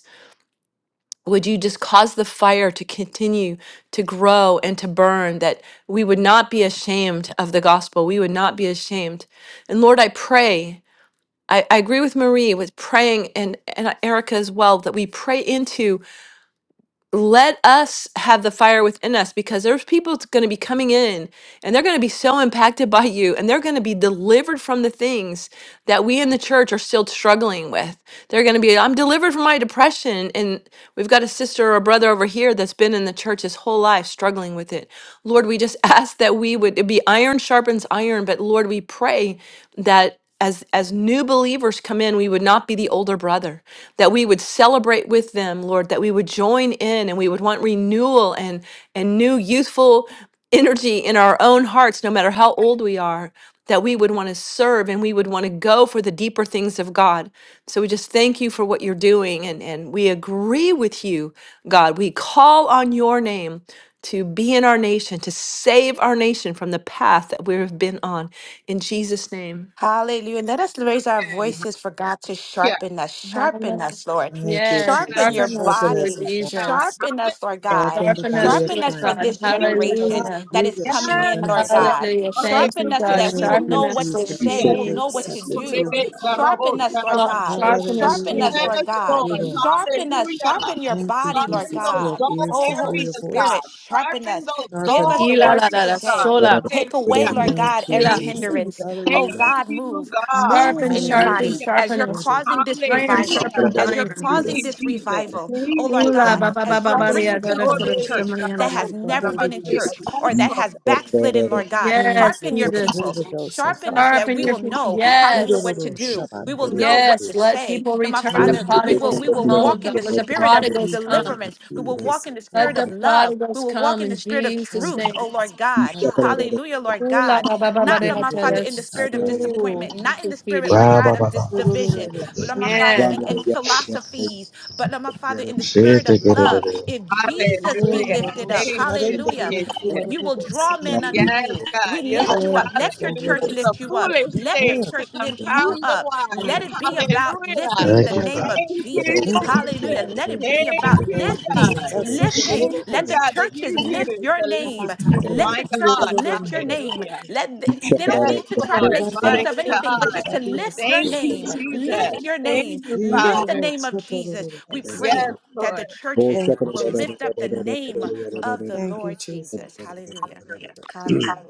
Speaker 2: would you just cause the fire to continue to grow and to burn that we would not be ashamed of the gospel we would not be ashamed and lord i pray i, I agree with marie with praying and, and erica as well that we pray into let us have the fire within us because there's people going to be coming in and they're going to be so impacted by you and they're going to be delivered from the things that we in the church are still struggling with. They're going to be, I'm delivered from my depression. And we've got a sister or a brother over here that's been in the church his whole life struggling with it. Lord, we just ask that we would, it be iron sharpens iron, but Lord, we pray that as as new believers come in we would not be the older brother that we would celebrate with them, Lord, that we would join in and we would want renewal and, and new youthful energy in our own hearts, no matter how old we are, that we would want to serve and we would want to go for the deeper things of God. So we just thank you for what you're doing and, and we agree with you, God. We call on your name. To be in our nation, to save our nation from the path that we have been on. In Jesus' name.
Speaker 1: Hallelujah. And let us raise our
Speaker 6: Amen.
Speaker 1: voices for God to
Speaker 6: Yeah.
Speaker 1: sharpen us. Sharpen
Speaker 2: Hallelujah.
Speaker 1: us, Lord.
Speaker 3: Thank you,
Speaker 2: Yes,
Speaker 1: Sharpen your
Speaker 3: Jesus.
Speaker 2: govern us,
Speaker 3: Sharpen
Speaker 2: Lord
Speaker 3: us,
Speaker 1: body.
Speaker 3: O God.
Speaker 6: God.
Speaker 2: Jesus.
Speaker 1: Sharpen
Speaker 6: Hallelujah.
Speaker 1: us, Lord God.
Speaker 3: Sharpen the
Speaker 6: Thank
Speaker 2: Sharpen us,
Speaker 3: body of
Speaker 1: Sharpen us
Speaker 2: Lord
Speaker 1: for
Speaker 3: Christ.
Speaker 2: God.
Speaker 1: this
Speaker 6: you, Jesus.
Speaker 1: generation
Speaker 2: Hallelujah.
Speaker 1: that is
Speaker 3: Hallelujah.
Speaker 6: Yes,
Speaker 1: coming in,
Speaker 3: Sharpen
Speaker 1: Lord
Speaker 3: us, O God.
Speaker 1: God.
Speaker 6: Lord.
Speaker 2: Hallelujah. Thank
Speaker 1: Sharpen
Speaker 2: you,
Speaker 1: us so
Speaker 2: God.
Speaker 6: Hallelujah.
Speaker 1: that we
Speaker 6: Thank
Speaker 3: Thank
Speaker 1: will
Speaker 2: Sharpen
Speaker 3: you,
Speaker 1: know
Speaker 6: you,
Speaker 1: what
Speaker 2: us,
Speaker 3: Jesus.
Speaker 1: to
Speaker 2: Lord
Speaker 1: say. We
Speaker 6: Jesus.
Speaker 3: Lord,
Speaker 1: will
Speaker 3: we're
Speaker 1: know what to
Speaker 2: Jesus.
Speaker 3: receptive to you.
Speaker 1: do.
Speaker 3: voice.
Speaker 6: Rebecca
Speaker 1: Sharpen
Speaker 6: Robosa
Speaker 1: us, Lord
Speaker 2: Lord,
Speaker 1: God.
Speaker 6: Ramachea.
Speaker 2: sharpen us,
Speaker 1: Sharpen
Speaker 3: Hallelujah.
Speaker 1: us,
Speaker 2: Jesus.
Speaker 1: Lord
Speaker 6: Yes,
Speaker 1: God.
Speaker 3: Good
Speaker 6: Lord.
Speaker 3: Lord.
Speaker 1: Sharpen us.
Speaker 6: Hallelujah.
Speaker 1: Sharpen your
Speaker 3: Thank you,
Speaker 1: body, Lord
Speaker 6: Sharpen
Speaker 3: Jesus.
Speaker 6: those
Speaker 3: We
Speaker 1: God.
Speaker 3: have
Speaker 6: dull
Speaker 3: ears to
Speaker 1: Oh,
Speaker 3: hear
Speaker 1: Holy
Speaker 3: your
Speaker 6: areas,
Speaker 3: voice.
Speaker 1: Spirit,
Speaker 6: God.
Speaker 1: sharpen
Speaker 6: Sharpen
Speaker 1: us.
Speaker 6: those
Speaker 3: Sharpen
Speaker 1: Give
Speaker 3: us,
Speaker 1: us
Speaker 6: dull
Speaker 1: the
Speaker 3: O
Speaker 2: Ila la
Speaker 1: words to
Speaker 2: la
Speaker 6: areas,
Speaker 2: la
Speaker 1: say.
Speaker 6: God.
Speaker 2: sola.
Speaker 1: Take away,
Speaker 6: Hallelujah.
Speaker 1: Lord God,
Speaker 3: Thank you,
Speaker 1: every
Speaker 2: Ila.
Speaker 6: Thank you,
Speaker 3: Jesus.
Speaker 1: hindrance.
Speaker 6: Jesus.
Speaker 1: Oh
Speaker 3: Hallelujah.
Speaker 6: Thank
Speaker 1: God,
Speaker 6: you,
Speaker 1: move,
Speaker 6: God.
Speaker 1: move
Speaker 2: Sharpen,
Speaker 1: in your
Speaker 2: sharpen,
Speaker 1: body
Speaker 3: Hallelujah.
Speaker 6: Hallelujah.
Speaker 1: as
Speaker 2: sharpen
Speaker 1: you're
Speaker 3: Lord,
Speaker 2: us.
Speaker 3: we
Speaker 1: causing
Speaker 3: you
Speaker 1: this
Speaker 3: thanks.
Speaker 2: Iron
Speaker 1: revival,
Speaker 6: Hallelujah.
Speaker 2: sharpens
Speaker 1: as you're
Speaker 3: Let's
Speaker 2: iron.
Speaker 3: be
Speaker 6: Thank
Speaker 1: causing
Speaker 6: you,
Speaker 1: this
Speaker 3: receptive.
Speaker 6: Jesus.
Speaker 1: revival. Oh
Speaker 6: Thank you,
Speaker 1: Lord
Speaker 2: Ula
Speaker 1: God,
Speaker 6: Lord.
Speaker 2: ba
Speaker 3: Thank
Speaker 2: ba ba
Speaker 3: you,
Speaker 1: as
Speaker 2: ba
Speaker 1: you're
Speaker 2: ba
Speaker 3: Jesus.
Speaker 2: ria,
Speaker 1: bringing
Speaker 2: da
Speaker 6: Hallelujah.
Speaker 2: da
Speaker 6: Oh,
Speaker 1: people
Speaker 3: Thank
Speaker 1: to
Speaker 2: kura,
Speaker 3: you.
Speaker 2: sama,
Speaker 1: church
Speaker 6: Rebecca
Speaker 2: ya, la,
Speaker 1: that has
Speaker 3: The
Speaker 6: Robosa
Speaker 1: never been
Speaker 3: Holy
Speaker 1: in
Speaker 6: Ramachea.
Speaker 3: Ghost.
Speaker 1: church or
Speaker 6: Yes,
Speaker 1: that
Speaker 6: Lord.
Speaker 1: has backslidden, Lord God,
Speaker 3: Thank
Speaker 2: Yes,
Speaker 3: you
Speaker 1: sharpen
Speaker 3: for
Speaker 1: your
Speaker 3: the
Speaker 1: people,
Speaker 2: Jesus.
Speaker 3: Holy Ghost and
Speaker 1: sharpen
Speaker 3: Father.
Speaker 1: us so that
Speaker 2: Sharpen
Speaker 1: we
Speaker 2: your
Speaker 1: will
Speaker 2: people.
Speaker 1: know,
Speaker 3: We
Speaker 1: hallelujah,
Speaker 3: don't
Speaker 2: Yes.
Speaker 1: what to
Speaker 3: know
Speaker 1: do. We
Speaker 3: Shabbat.
Speaker 1: will
Speaker 3: Thank
Speaker 1: know what
Speaker 2: Yes.
Speaker 1: to
Speaker 2: Let
Speaker 1: say.
Speaker 2: people
Speaker 1: And my
Speaker 2: return. The
Speaker 1: Father,
Speaker 3: you,
Speaker 1: we
Speaker 3: Lord
Speaker 1: will
Speaker 2: prodigals
Speaker 1: we
Speaker 2: come
Speaker 1: will
Speaker 3: God.
Speaker 2: home,
Speaker 1: walk
Speaker 2: God.
Speaker 1: in the
Speaker 2: Let the
Speaker 1: spirit of
Speaker 2: prodigals
Speaker 3: We
Speaker 2: come.
Speaker 3: will
Speaker 1: deliverance. We
Speaker 3: be
Speaker 1: will walk
Speaker 3: this
Speaker 1: in the
Speaker 3: whole
Speaker 2: Let
Speaker 1: spirit
Speaker 3: heaven.
Speaker 1: of
Speaker 2: the
Speaker 1: love. We
Speaker 2: prodigals
Speaker 1: will walk
Speaker 2: come
Speaker 1: in
Speaker 2: in
Speaker 1: the spirit of
Speaker 2: Jesus'
Speaker 3: Thank
Speaker 1: truth,
Speaker 3: you,
Speaker 2: name.
Speaker 1: oh
Speaker 3: Jesus.
Speaker 1: Lord God.
Speaker 3: Hallelujah.
Speaker 1: Hallelujah, Lord
Speaker 2: Ula
Speaker 1: God.
Speaker 2: ba ba ba
Speaker 3: We
Speaker 2: ba
Speaker 1: Not,
Speaker 2: de
Speaker 3: give
Speaker 1: Lord
Speaker 2: la
Speaker 1: my
Speaker 3: you
Speaker 2: ta
Speaker 1: Father,
Speaker 2: da
Speaker 3: glory.
Speaker 1: in the spirit of
Speaker 3: Hallelujah.
Speaker 2: su.
Speaker 1: disappointment, not
Speaker 2: Thank
Speaker 1: in
Speaker 2: you,
Speaker 1: the spirit,
Speaker 2: Pedia.
Speaker 1: Lord
Speaker 4: Ra
Speaker 1: God,
Speaker 4: ba
Speaker 1: of
Speaker 4: ba
Speaker 1: this
Speaker 4: ba.
Speaker 3: We don't
Speaker 1: division,
Speaker 3: know
Speaker 1: but Lord my
Speaker 3: Shabbat.
Speaker 1: Father,
Speaker 2: Yes.
Speaker 1: and, and philosophies, but Lord my Father, in the
Speaker 6: Yes,
Speaker 4: Shit,
Speaker 1: spirit of
Speaker 4: take it, it, it,
Speaker 1: love.
Speaker 4: it.
Speaker 1: If
Speaker 3: We
Speaker 1: Jesus be
Speaker 3: don't
Speaker 6: Hallelujah.
Speaker 3: know
Speaker 1: lifted up,
Speaker 6: Thank you,
Speaker 1: hallelujah,
Speaker 3: Shabbat. We don't
Speaker 1: w-
Speaker 6: Jesus.
Speaker 1: you
Speaker 3: know
Speaker 1: will draw men
Speaker 3: Shabbat.
Speaker 1: unto
Speaker 6: Yes,
Speaker 1: you.
Speaker 6: God,
Speaker 1: We
Speaker 6: you're
Speaker 1: lift
Speaker 6: the
Speaker 1: you up.
Speaker 3: Thank
Speaker 6: God
Speaker 3: you
Speaker 1: Let
Speaker 6: that
Speaker 1: your
Speaker 3: for
Speaker 1: church
Speaker 6: uses
Speaker 3: this.
Speaker 6: the
Speaker 1: lift you up.
Speaker 6: foolish
Speaker 1: Let your
Speaker 6: things
Speaker 3: Mm,
Speaker 6: to
Speaker 1: church lift
Speaker 5: Hallelujah.
Speaker 1: you
Speaker 6: confound the
Speaker 1: up.
Speaker 6: wise.
Speaker 1: Let
Speaker 3: fire,
Speaker 1: it be
Speaker 3: fire,
Speaker 1: about
Speaker 6: Hallelujah.
Speaker 1: lifting the
Speaker 4: Thank you,
Speaker 1: name
Speaker 4: Father.
Speaker 3: murder.
Speaker 1: of
Speaker 6: Thank you,
Speaker 1: Jesus.
Speaker 3: Mm,
Speaker 1: Hallelujah.
Speaker 6: Jesus.
Speaker 1: Let it be
Speaker 6: Thank
Speaker 1: about
Speaker 6: you,
Speaker 3: thank you,
Speaker 1: lifting,
Speaker 6: God.
Speaker 3: Jesus. I see the
Speaker 1: lifting.
Speaker 6: Thank
Speaker 3: little
Speaker 6: you,
Speaker 1: Let
Speaker 3: ocean.
Speaker 1: the
Speaker 6: God, that
Speaker 1: churches
Speaker 6: you
Speaker 1: lift
Speaker 6: use
Speaker 1: your
Speaker 6: the
Speaker 1: name.
Speaker 3: I'm
Speaker 6: least.
Speaker 3: attacking
Speaker 1: Let
Speaker 3: you.
Speaker 6: My
Speaker 1: the
Speaker 3: You don't
Speaker 1: churches
Speaker 6: God.
Speaker 3: know
Speaker 1: lift your
Speaker 3: murder.
Speaker 1: name.
Speaker 6: Hallelujah.
Speaker 1: Let they, they don't
Speaker 6: Yes,
Speaker 1: need to try to
Speaker 3: You
Speaker 6: Lord.
Speaker 1: make
Speaker 3: don't know
Speaker 6: My
Speaker 1: sense of anything,
Speaker 3: murder.
Speaker 1: but
Speaker 6: God.
Speaker 1: just
Speaker 3: That
Speaker 1: to lift
Speaker 3: is
Speaker 1: your
Speaker 6: Thank you,
Speaker 1: name.
Speaker 3: it.
Speaker 6: Jesus.
Speaker 1: Lift your
Speaker 6: Thank
Speaker 1: name.
Speaker 6: you,
Speaker 3: You
Speaker 1: Lift
Speaker 3: don't
Speaker 1: the
Speaker 6: Father.
Speaker 1: name of
Speaker 3: know
Speaker 1: Jesus.
Speaker 3: murder.
Speaker 1: We pray
Speaker 6: Yes,
Speaker 1: that
Speaker 6: Lord.
Speaker 1: the churches
Speaker 3: Thank you,
Speaker 1: will
Speaker 3: Jesus.
Speaker 1: lift up the name of the
Speaker 3: Thank you,
Speaker 1: Lord
Speaker 3: Jesus.
Speaker 1: Jesus. Hallelujah. Hallelujah.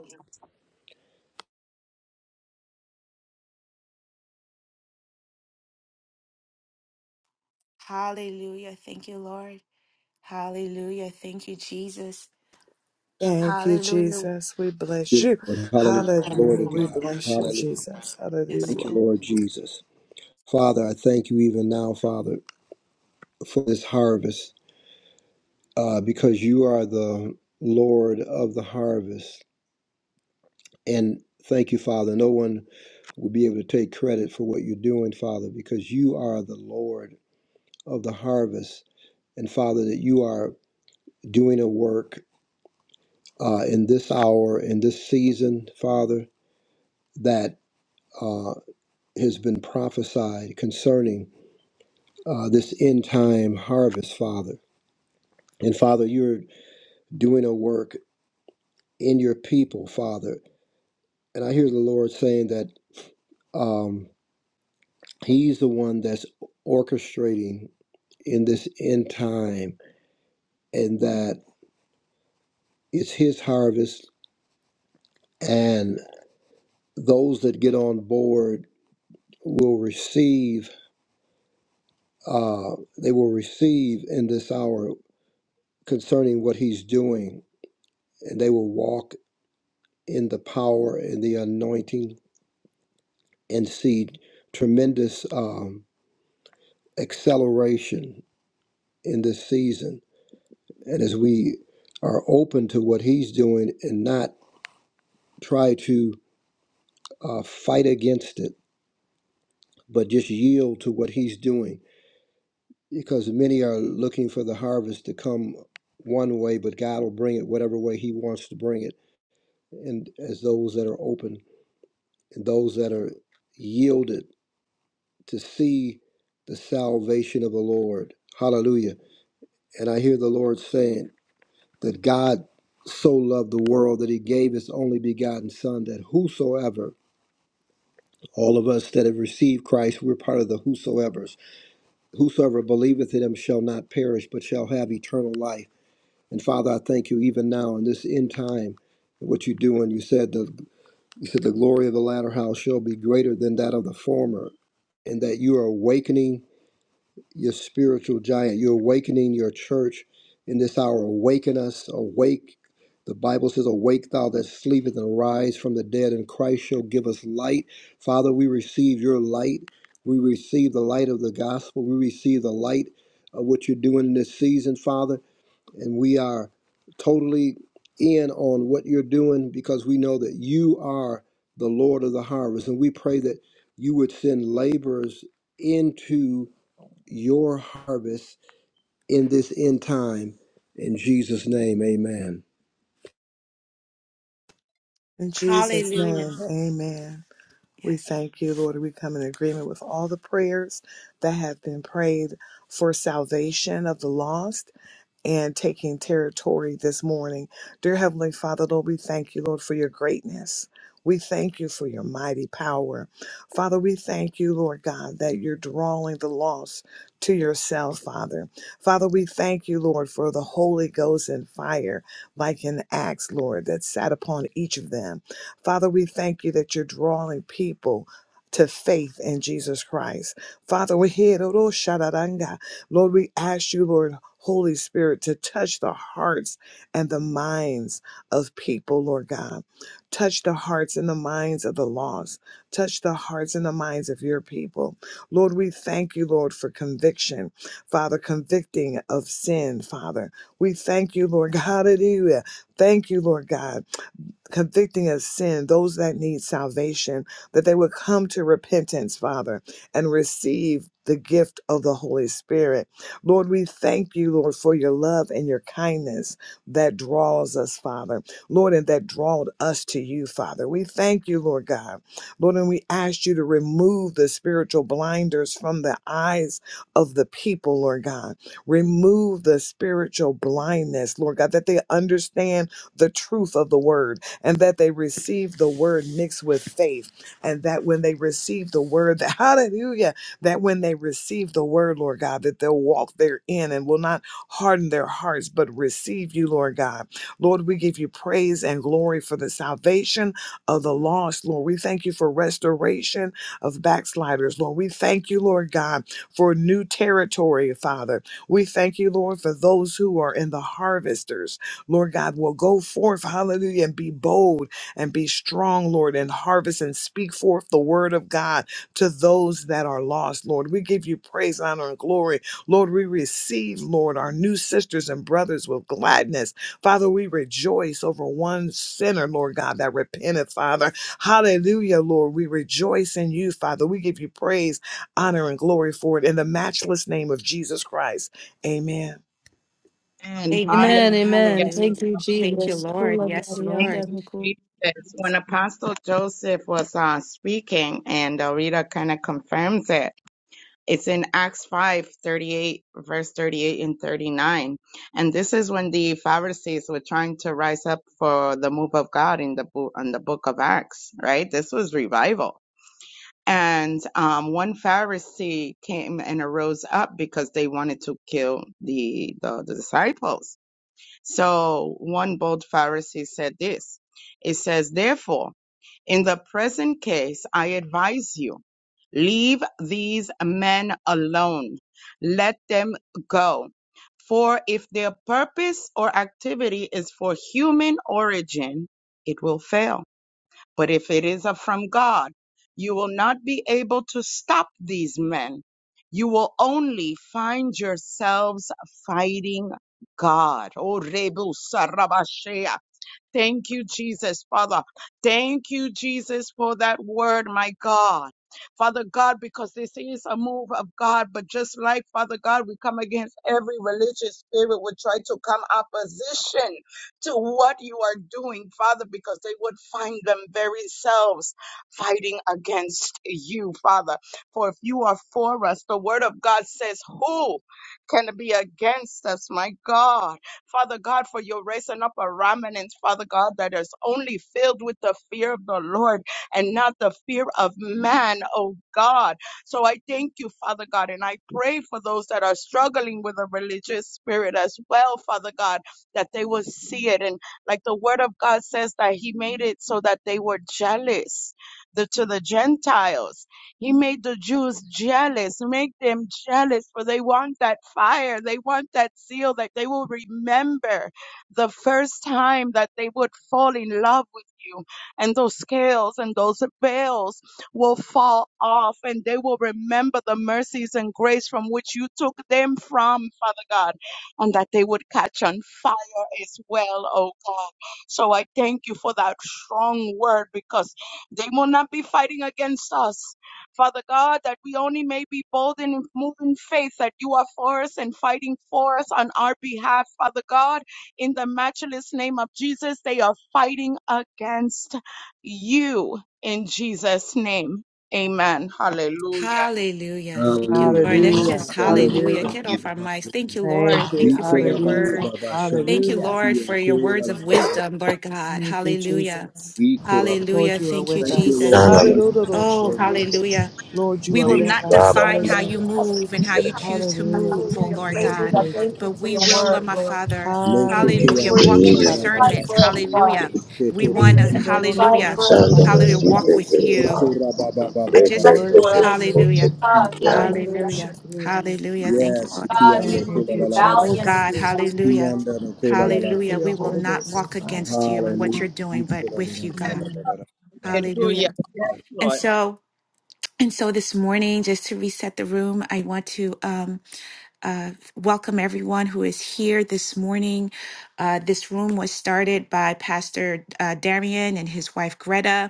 Speaker 1: Hallelujah. Thank you, Lord. Hallelujah. Thank you, Jesus.
Speaker 3: Thank you,
Speaker 1: Hallelujah.
Speaker 3: Jesus. We bless you.
Speaker 5: Glory to
Speaker 3: Hallelujah. We
Speaker 5: God.
Speaker 3: bless you,
Speaker 5: Hallelujah.
Speaker 3: Jesus.
Speaker 1: Yes,
Speaker 5: Thank
Speaker 3: Hallelujah.
Speaker 5: you,
Speaker 1: Lord.
Speaker 5: Lord Jesus. Father, I thank you even now, Father, for this harvest, uh, because you are the Lord of the harvest. And thank you, Father. No one will be able to take credit for what you're doing, Father, because you are the Lord of the harvest. And Father, that you are doing a work uh, in this hour, in this season, Father, that uh, has been prophesied concerning uh, this end time harvest, Father. And Father, you're doing a work in your people, Father. And I hear the Lord saying that um, He's the one that's orchestrating in this end time, and that it's his harvest, and those that get on board will receive, uh, they will receive in this hour concerning what he's doing, and they will walk in the power and the anointing and see tremendous um, acceleration in this season. And as we are open to what he's doing and not try to uh, fight against it but just yield to what he's doing because many are looking for the harvest to come one way but god will bring it whatever way he wants to bring it and as those that are open and those that are yielded to see the salvation of the lord hallelujah and i hear the lord saying that god so loved the world that he gave his only begotten son that whosoever all of us that have received christ we're part of the whosoever whosoever believeth in him shall not perish, but shall have eternal life. And Father, I thank you even now in this end time, what you're doing. You said the you said the glory of the latter house shall be greater than that of the former, and that you are awakening your spiritual giant. You're awakening your church in this hour. Awaken us, awake. The Bible says, Awake thou that sleepeth and arise from the dead, and Christ shall give us light. Father, we receive your light. We receive the light of the gospel. We receive the light of what you're doing in this season, Father. And we are totally in on what you're doing because we know that you are the Lord of the harvest. And we pray that you would send laborers into your harvest in this end time. In Jesus' name, amen.
Speaker 3: In Jesus'
Speaker 1: Hallelujah.
Speaker 3: name, amen. We
Speaker 1: Yes.
Speaker 3: thank you, Lord. We come in agreement with all the prayers that have been prayed for salvation of the lost and taking territory this morning. Dear Heavenly Father, Lord, we thank you, Lord, for your greatness. We thank you for your mighty power. Father, we thank you, Lord God, that you're drawing the lost to yourself, Father. Father, we thank you, Lord, for the Holy Ghost and fire, like in Acts, Lord, that sat upon each of them. Father, we thank you that you're drawing people to faith in Jesus Christ. Father, we hear, Lord, we ask you, Lord, Holy Spirit, to touch the hearts and the minds of people, Lord God. Touch the hearts and the minds of the lost. Touch the hearts and the minds of your people. Lord, we thank you, Lord, for conviction, Father, convicting of sin, Father. We thank you, Lord God. Hallelujah. Thank you, Lord God convicting of sin, those that need salvation, that they would come to repentance, Father, and receive the gift of the Holy Spirit. Lord, we thank you, Lord, for your love and your kindness that draws us, Father. Lord, and that drawed us to you, Father. We thank you, Lord God. Lord, and we ask you to remove the spiritual blinders from the eyes of the people, Lord God. Remove the spiritual blindness, Lord God, that they understand the truth of the word and that they receive the word mixed with faith, and that when they receive the word, that, hallelujah, that when they receive the word, Lord God, that they'll walk therein and will not harden their hearts, but receive you, Lord God. Lord, we give you praise and glory for the salvation of the lost, Lord. We thank you for restoration of backsliders, Lord. We thank you, Lord God, for new territory, Father. We thank you, Lord, for those who are in the harvesters. Lord God, will go forth, hallelujah, and be bold and be strong, Lord, and harvest and speak forth the word of God to those that are lost, Lord. We give you praise, honor, and glory. Lord, we receive, Lord, our new sisters and brothers with gladness. Father, we rejoice over one sinner, Lord God, that repenteth, Father. Hallelujah, Lord. We rejoice in you, Father. We give you praise, honor, and glory for it in the matchless name of Jesus Christ. Amen.
Speaker 6: And hallelujah.
Speaker 2: Amen.
Speaker 1: Amen.
Speaker 2: Amen.
Speaker 1: Hallelujah.
Speaker 2: Thank you,
Speaker 1: Thank you,
Speaker 2: Jesus.
Speaker 1: Lord.
Speaker 2: Ula ba
Speaker 1: Yes,
Speaker 2: de la
Speaker 6: Thank
Speaker 2: ta da
Speaker 1: Lord.
Speaker 6: you,
Speaker 2: mi ku.
Speaker 6: Jesus. When Apostle Joseph was uh, speaking, and uh, Rita kind of confirms it, it's in Acts 5 38, verse 38 and 39. And this is when the Pharisees were trying to rise up for the move of God in the, bo- in the book of Acts, right? This was revival. And um, one Pharisee came and arose up because they wanted to kill the, the, the disciples so one bold Pharisee said this. It says, Therefore, in the present case, I advise you, leave these men alone. Let them go. For if their purpose or activity is for human origin, it will fail but if it is from God, you will not be able to stop these men. You will only find yourselves fighting God. Oh, Rebu Sarabashea. Thank you, Jesus, Father. Thank you, Jesus, for that word, my God. Father God, because this is a move of God, but just like Father God, we come against every religious spirit would try to come opposition to what you are doing, Father, because they would find them very selves fighting against you, Father. For if you are for us, the word of God says, Who can be against us, my God? Father God, for you're raising up a remnant, Father God, that is only filled with the fear of the Lord and not the fear of man, oh God. So I thank you, Father God, and I pray for those that are struggling with a religious spirit as well, Father God, that they will see it. And like the word of God says, that He made it so that they were jealous the, to the Gentiles. He made the Jews jealous, make them jealous, for they want that fire. They want that zeal that they will remember the first time that they would fall in love with you. And those scales and those veils will fall off and they will remember the mercies and grace from which you took them from, Father God, and that they would catch on fire as well, oh God. So I thank you for that strong word because they will not be fighting against us Father God, that we only may be bold and move in faith that you are for us and fighting for us on our behalf. Father God, in the matchless name of Jesus, they are fighting against you in Jesus' name. Amen. Hallelujah.
Speaker 1: Hallelujah. Thank you,
Speaker 5: Hallelujah.
Speaker 1: Lord.
Speaker 5: Amen.
Speaker 1: Let's
Speaker 3: Hallelujah.
Speaker 1: just
Speaker 5: Hallelujah.
Speaker 1: hallelujah.
Speaker 3: Hallelujah.
Speaker 1: Get
Speaker 6: Yes.
Speaker 1: off
Speaker 5: Hallelujah.
Speaker 1: our mics. Thank
Speaker 5: Hallelujah.
Speaker 1: you, Lord.
Speaker 3: Thank you.
Speaker 1: Thank
Speaker 5: We
Speaker 1: you for your
Speaker 5: kora
Speaker 3: Hallelujah.
Speaker 1: word.
Speaker 5: shanda.
Speaker 1: Thank you,
Speaker 3: Hallelujah.
Speaker 1: Lord,
Speaker 5: We
Speaker 1: for your
Speaker 5: kora
Speaker 1: words of wisdom, Lord God.
Speaker 3: Thank you,
Speaker 1: Hallelujah.
Speaker 3: Jesus.
Speaker 5: We kora
Speaker 3: Lord,
Speaker 1: Hallelujah.
Speaker 3: you are
Speaker 1: Thank you,
Speaker 3: with
Speaker 5: Thank you,
Speaker 3: us.
Speaker 1: Jesus.
Speaker 5: Lord
Speaker 4: Shanama.
Speaker 5: Jesus.
Speaker 3: Hallelujah.
Speaker 1: Oh,
Speaker 5: Glory to God.
Speaker 1: hallelujah.
Speaker 3: Lord, you
Speaker 1: We
Speaker 3: are
Speaker 1: will
Speaker 5: Make
Speaker 3: with
Speaker 5: sure
Speaker 1: not
Speaker 4: Ra
Speaker 3: us.
Speaker 5: to-
Speaker 4: ba ra
Speaker 1: define
Speaker 5: and-
Speaker 4: ba
Speaker 1: how
Speaker 4: ba
Speaker 1: you
Speaker 3: Hallelujah.
Speaker 2: Hallelujah.
Speaker 1: move and
Speaker 4: ba.
Speaker 1: how
Speaker 4: Get
Speaker 1: you
Speaker 4: it,
Speaker 1: choose
Speaker 4: Father.
Speaker 1: to
Speaker 3: Hallelujah. We
Speaker 1: move, oh
Speaker 2: Hallelujah.
Speaker 3: thank you,
Speaker 1: Lord
Speaker 2: Praise
Speaker 3: Lord.
Speaker 5: she
Speaker 2: you.
Speaker 3: We
Speaker 1: God,
Speaker 2: God.
Speaker 5: kora
Speaker 3: thank
Speaker 5: la
Speaker 2: Thank
Speaker 3: you.
Speaker 2: you
Speaker 1: but
Speaker 5: ba
Speaker 2: for
Speaker 1: we
Speaker 2: your
Speaker 5: ba
Speaker 1: will,
Speaker 2: word,
Speaker 1: Lord my
Speaker 2: Lord.
Speaker 1: Father.
Speaker 5: sure
Speaker 1: Hallelujah.
Speaker 3: Hallelujah.
Speaker 2: For your
Speaker 1: Walk in
Speaker 4: Jesus.
Speaker 2: you
Speaker 3: Somebody.
Speaker 2: fight
Speaker 1: discernment.
Speaker 2: for us, God.
Speaker 1: Hallelujah. We
Speaker 5: Tete
Speaker 2: Thank
Speaker 5: de
Speaker 1: want
Speaker 2: you
Speaker 1: to,
Speaker 2: that you
Speaker 5: ki kora
Speaker 2: fight
Speaker 5: ba.
Speaker 1: hallelujah.
Speaker 2: for us,
Speaker 4: Shandama.
Speaker 1: Hallelujah.
Speaker 4: She
Speaker 3: Shandorororosabandorere.
Speaker 1: Walk
Speaker 2: Jesus.
Speaker 4: take
Speaker 1: with
Speaker 4: it,
Speaker 1: you.
Speaker 4: Father.
Speaker 1: I
Speaker 4: They
Speaker 3: We
Speaker 4: say
Speaker 2: Fight
Speaker 1: just,
Speaker 4: take
Speaker 2: for
Speaker 3: worship
Speaker 4: it,
Speaker 3: you.
Speaker 2: us.
Speaker 4: Lord.
Speaker 1: hallelujah.
Speaker 2: God,
Speaker 3: We
Speaker 4: Yeah.
Speaker 5: Shanda.
Speaker 2: hallelujah.
Speaker 1: Hallelujah.
Speaker 3: worship you.
Speaker 1: Hallelujah. Thank you,
Speaker 5: Yes,
Speaker 1: Lord.
Speaker 2: God,
Speaker 5: Kiando
Speaker 2: we will
Speaker 3: Thank
Speaker 5: Kula
Speaker 2: do
Speaker 3: you,
Speaker 5: La La La La.
Speaker 1: Oh
Speaker 3: Jesus.
Speaker 1: God,
Speaker 2: valiantly.
Speaker 3: Thank
Speaker 1: hallelujah.
Speaker 5: Kiando no Kula La
Speaker 3: thank
Speaker 5: La
Speaker 3: you for
Speaker 1: Hallelujah.
Speaker 5: La.
Speaker 3: your
Speaker 1: We
Speaker 5: la.
Speaker 1: will
Speaker 3: Holy
Speaker 1: not
Speaker 3: Ghost and
Speaker 1: walk
Speaker 3: fire.
Speaker 1: against you and what
Speaker 5: Hallelujah.
Speaker 1: you're doing, but
Speaker 5: Ikula La
Speaker 1: with
Speaker 5: La
Speaker 1: you,
Speaker 5: La
Speaker 1: God.
Speaker 5: La La La. Kiando La
Speaker 6: Hallelujah.
Speaker 1: Hallelujah.
Speaker 5: La
Speaker 6: Yes,
Speaker 1: And
Speaker 6: Lord.
Speaker 1: so, and so this morning, just to reset the room, I want to, um, Uh, welcome everyone who is here this morning. Uh, this room was started by Pastor uh, Darian and his wife Greta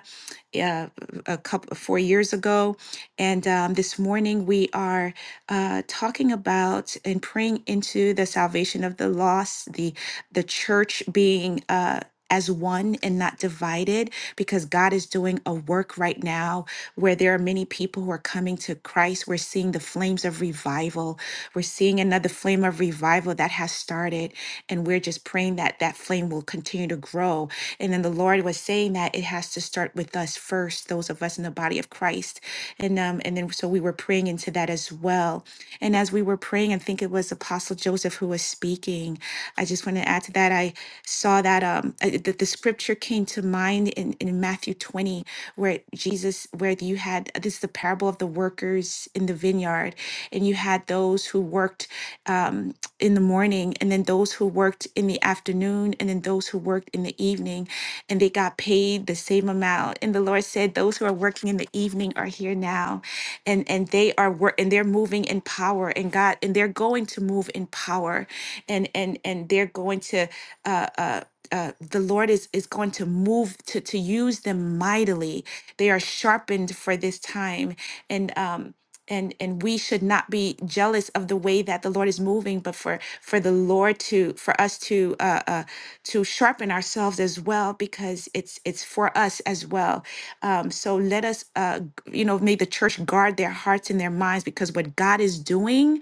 Speaker 1: uh, a couple four years ago, and um, this morning we are uh, talking about and praying into the salvation of the lost, the the church being. Uh, as one and not divided, because God is doing a work right now where there are many people who are coming to Christ. We're seeing the flames of revival. We're seeing another flame of revival that has started. And we're just praying that that flame will continue to grow. And then the Lord was saying that it has to start with us first, those of us in the body of Christ. And um, and then so we were praying into that as well. And as we were praying, I think it was Apostle Joseph who was speaking. I just want to add to that. I saw that um uh, that the scripture came to mind in, in Matthew 20 where Jesus, where you had uh, this is the parable of the workers in the vineyard, and you had those who worked. Um, in the morning and then those who worked in the afternoon and then those who worked in the evening and they got paid the same amount and the lord said those who are working in the evening are here now and and they are work and they're moving in power and god and they're going to move in power and and and they're going to uh uh uh, the Lord is, is going to move to, to use them mightily. They are sharpened for this time. And um, and and we should not be jealous of the way that the lord is moving but for for the lord to for us to uh, uh to sharpen ourselves as well because it's it's for us as well um so let us uh g- you know may the church guard their hearts and their minds because what god is doing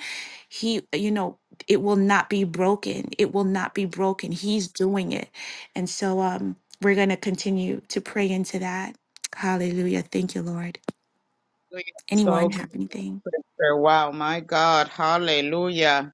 Speaker 1: he you know it will not be broken it will not be broken he's doing it and so um we're going to continue to pray into that hallelujah thank you lord
Speaker 6: We So
Speaker 1: anyone
Speaker 6: good.
Speaker 1: have anything
Speaker 6: sir. Wow, my God. Hallelujah.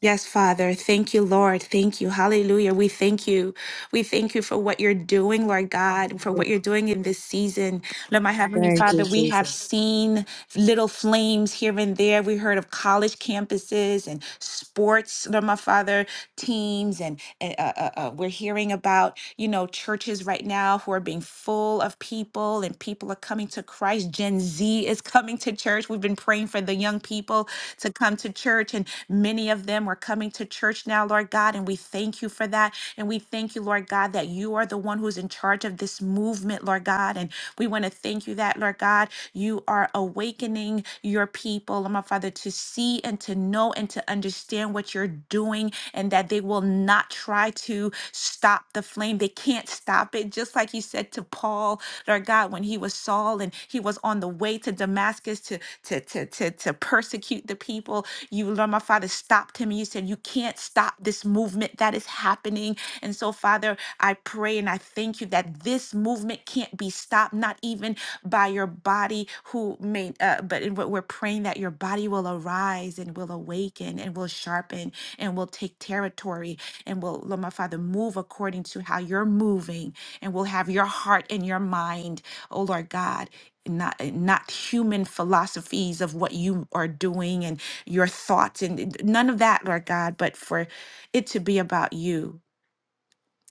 Speaker 1: Yes, Father. Thank you, Lord. Thank you. Hallelujah. We thank you. We thank you for what you're doing, Lord God, for what you're doing in this season. Lord, my Heavenly
Speaker 3: Thank you,
Speaker 1: Father, we have
Speaker 3: Jesus.
Speaker 1: seen little flames here and there. We heard of college campuses and sports, Lord, my Father, teams. And, uh, uh, uh, we're hearing about, you know, churches right now who are being full of people and people are coming to Christ. Gen Z is coming to church. We've been praying for the young people to come to church, and many of them are coming to church now, Lord God. And we thank you for that. And we and we thank you, Lord God, that you are the one who's in charge of this movement, Lord God. And we want to thank you that, Lord God, you are awakening your people, Lord my Father, to see and to know and to understand what you're doing and that they will not try to stop the flame. They can't stop it. Just like you said to Paul, Lord God, when he was Saul and he was on the way to Damascus to to to to, to persecute the people, you, Lord my Father, stopped him and you said, You can't stop this movement that is happening and so, Father, I pray and I thank you that this movement can't be stopped, not even by your body, who may, uh, but in what we're praying that your body will arise and will awaken and will sharpen and will take territory and will, Lord, my Father, move according to how you're moving and will have your heart and your mind, oh Lord God, not not human philosophies of what you are doing and your thoughts and none of that lord god but for it to be about you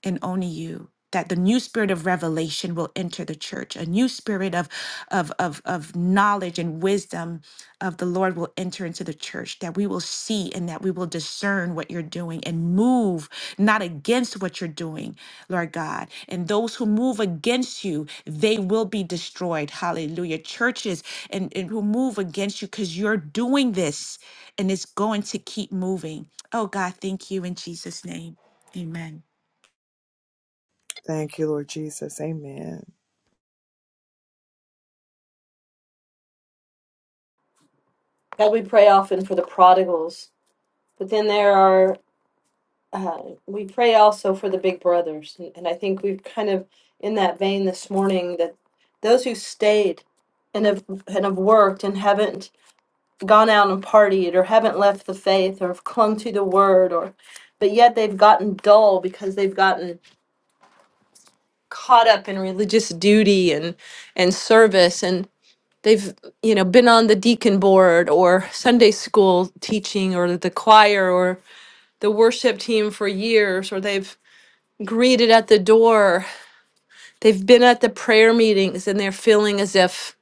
Speaker 1: and only you that the new spirit of revelation will enter the church a new spirit of, of of of knowledge and wisdom of the lord will enter into the church that we will see and that we will discern what you're doing and move not against what you're doing lord god and those who move against you they will be destroyed hallelujah churches and, and who move against you because you're doing this and it's going to keep moving oh god thank you in jesus name amen
Speaker 3: Thank you, Lord Jesus. Amen.
Speaker 2: God, we pray often for the prodigals, but then there are, uh, we pray also for the big brothers. And, and I think we've kind of in that vein this morning that those who stayed and have, and have worked and haven't gone out and partied or haven't left the faith or have clung to the word or, but yet they've gotten dull because they've gotten caught up in religious duty and, and service and they've you know been on the deacon board or sunday school teaching or the choir or the worship team for years, or they've greeted at the door, they've been at the prayer meetings, and they're feeling as if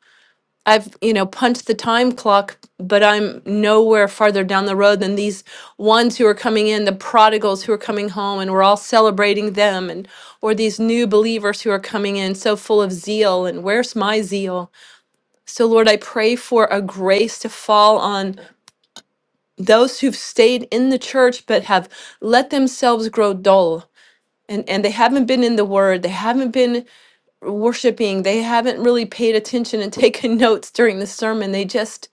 Speaker 2: I've, you know, punched the time clock, but I'm nowhere farther down the road than these ones who are coming in, the prodigals who are coming home, and we're all celebrating them, and or these new believers who are coming in so full of zeal, and where's my zeal? So, Lord, I pray for a grace to fall on those who've stayed in the church but have let themselves grow dull and and they haven't been in the word they haven't been worshiping they haven't really paid attention and taken notes during the sermon they just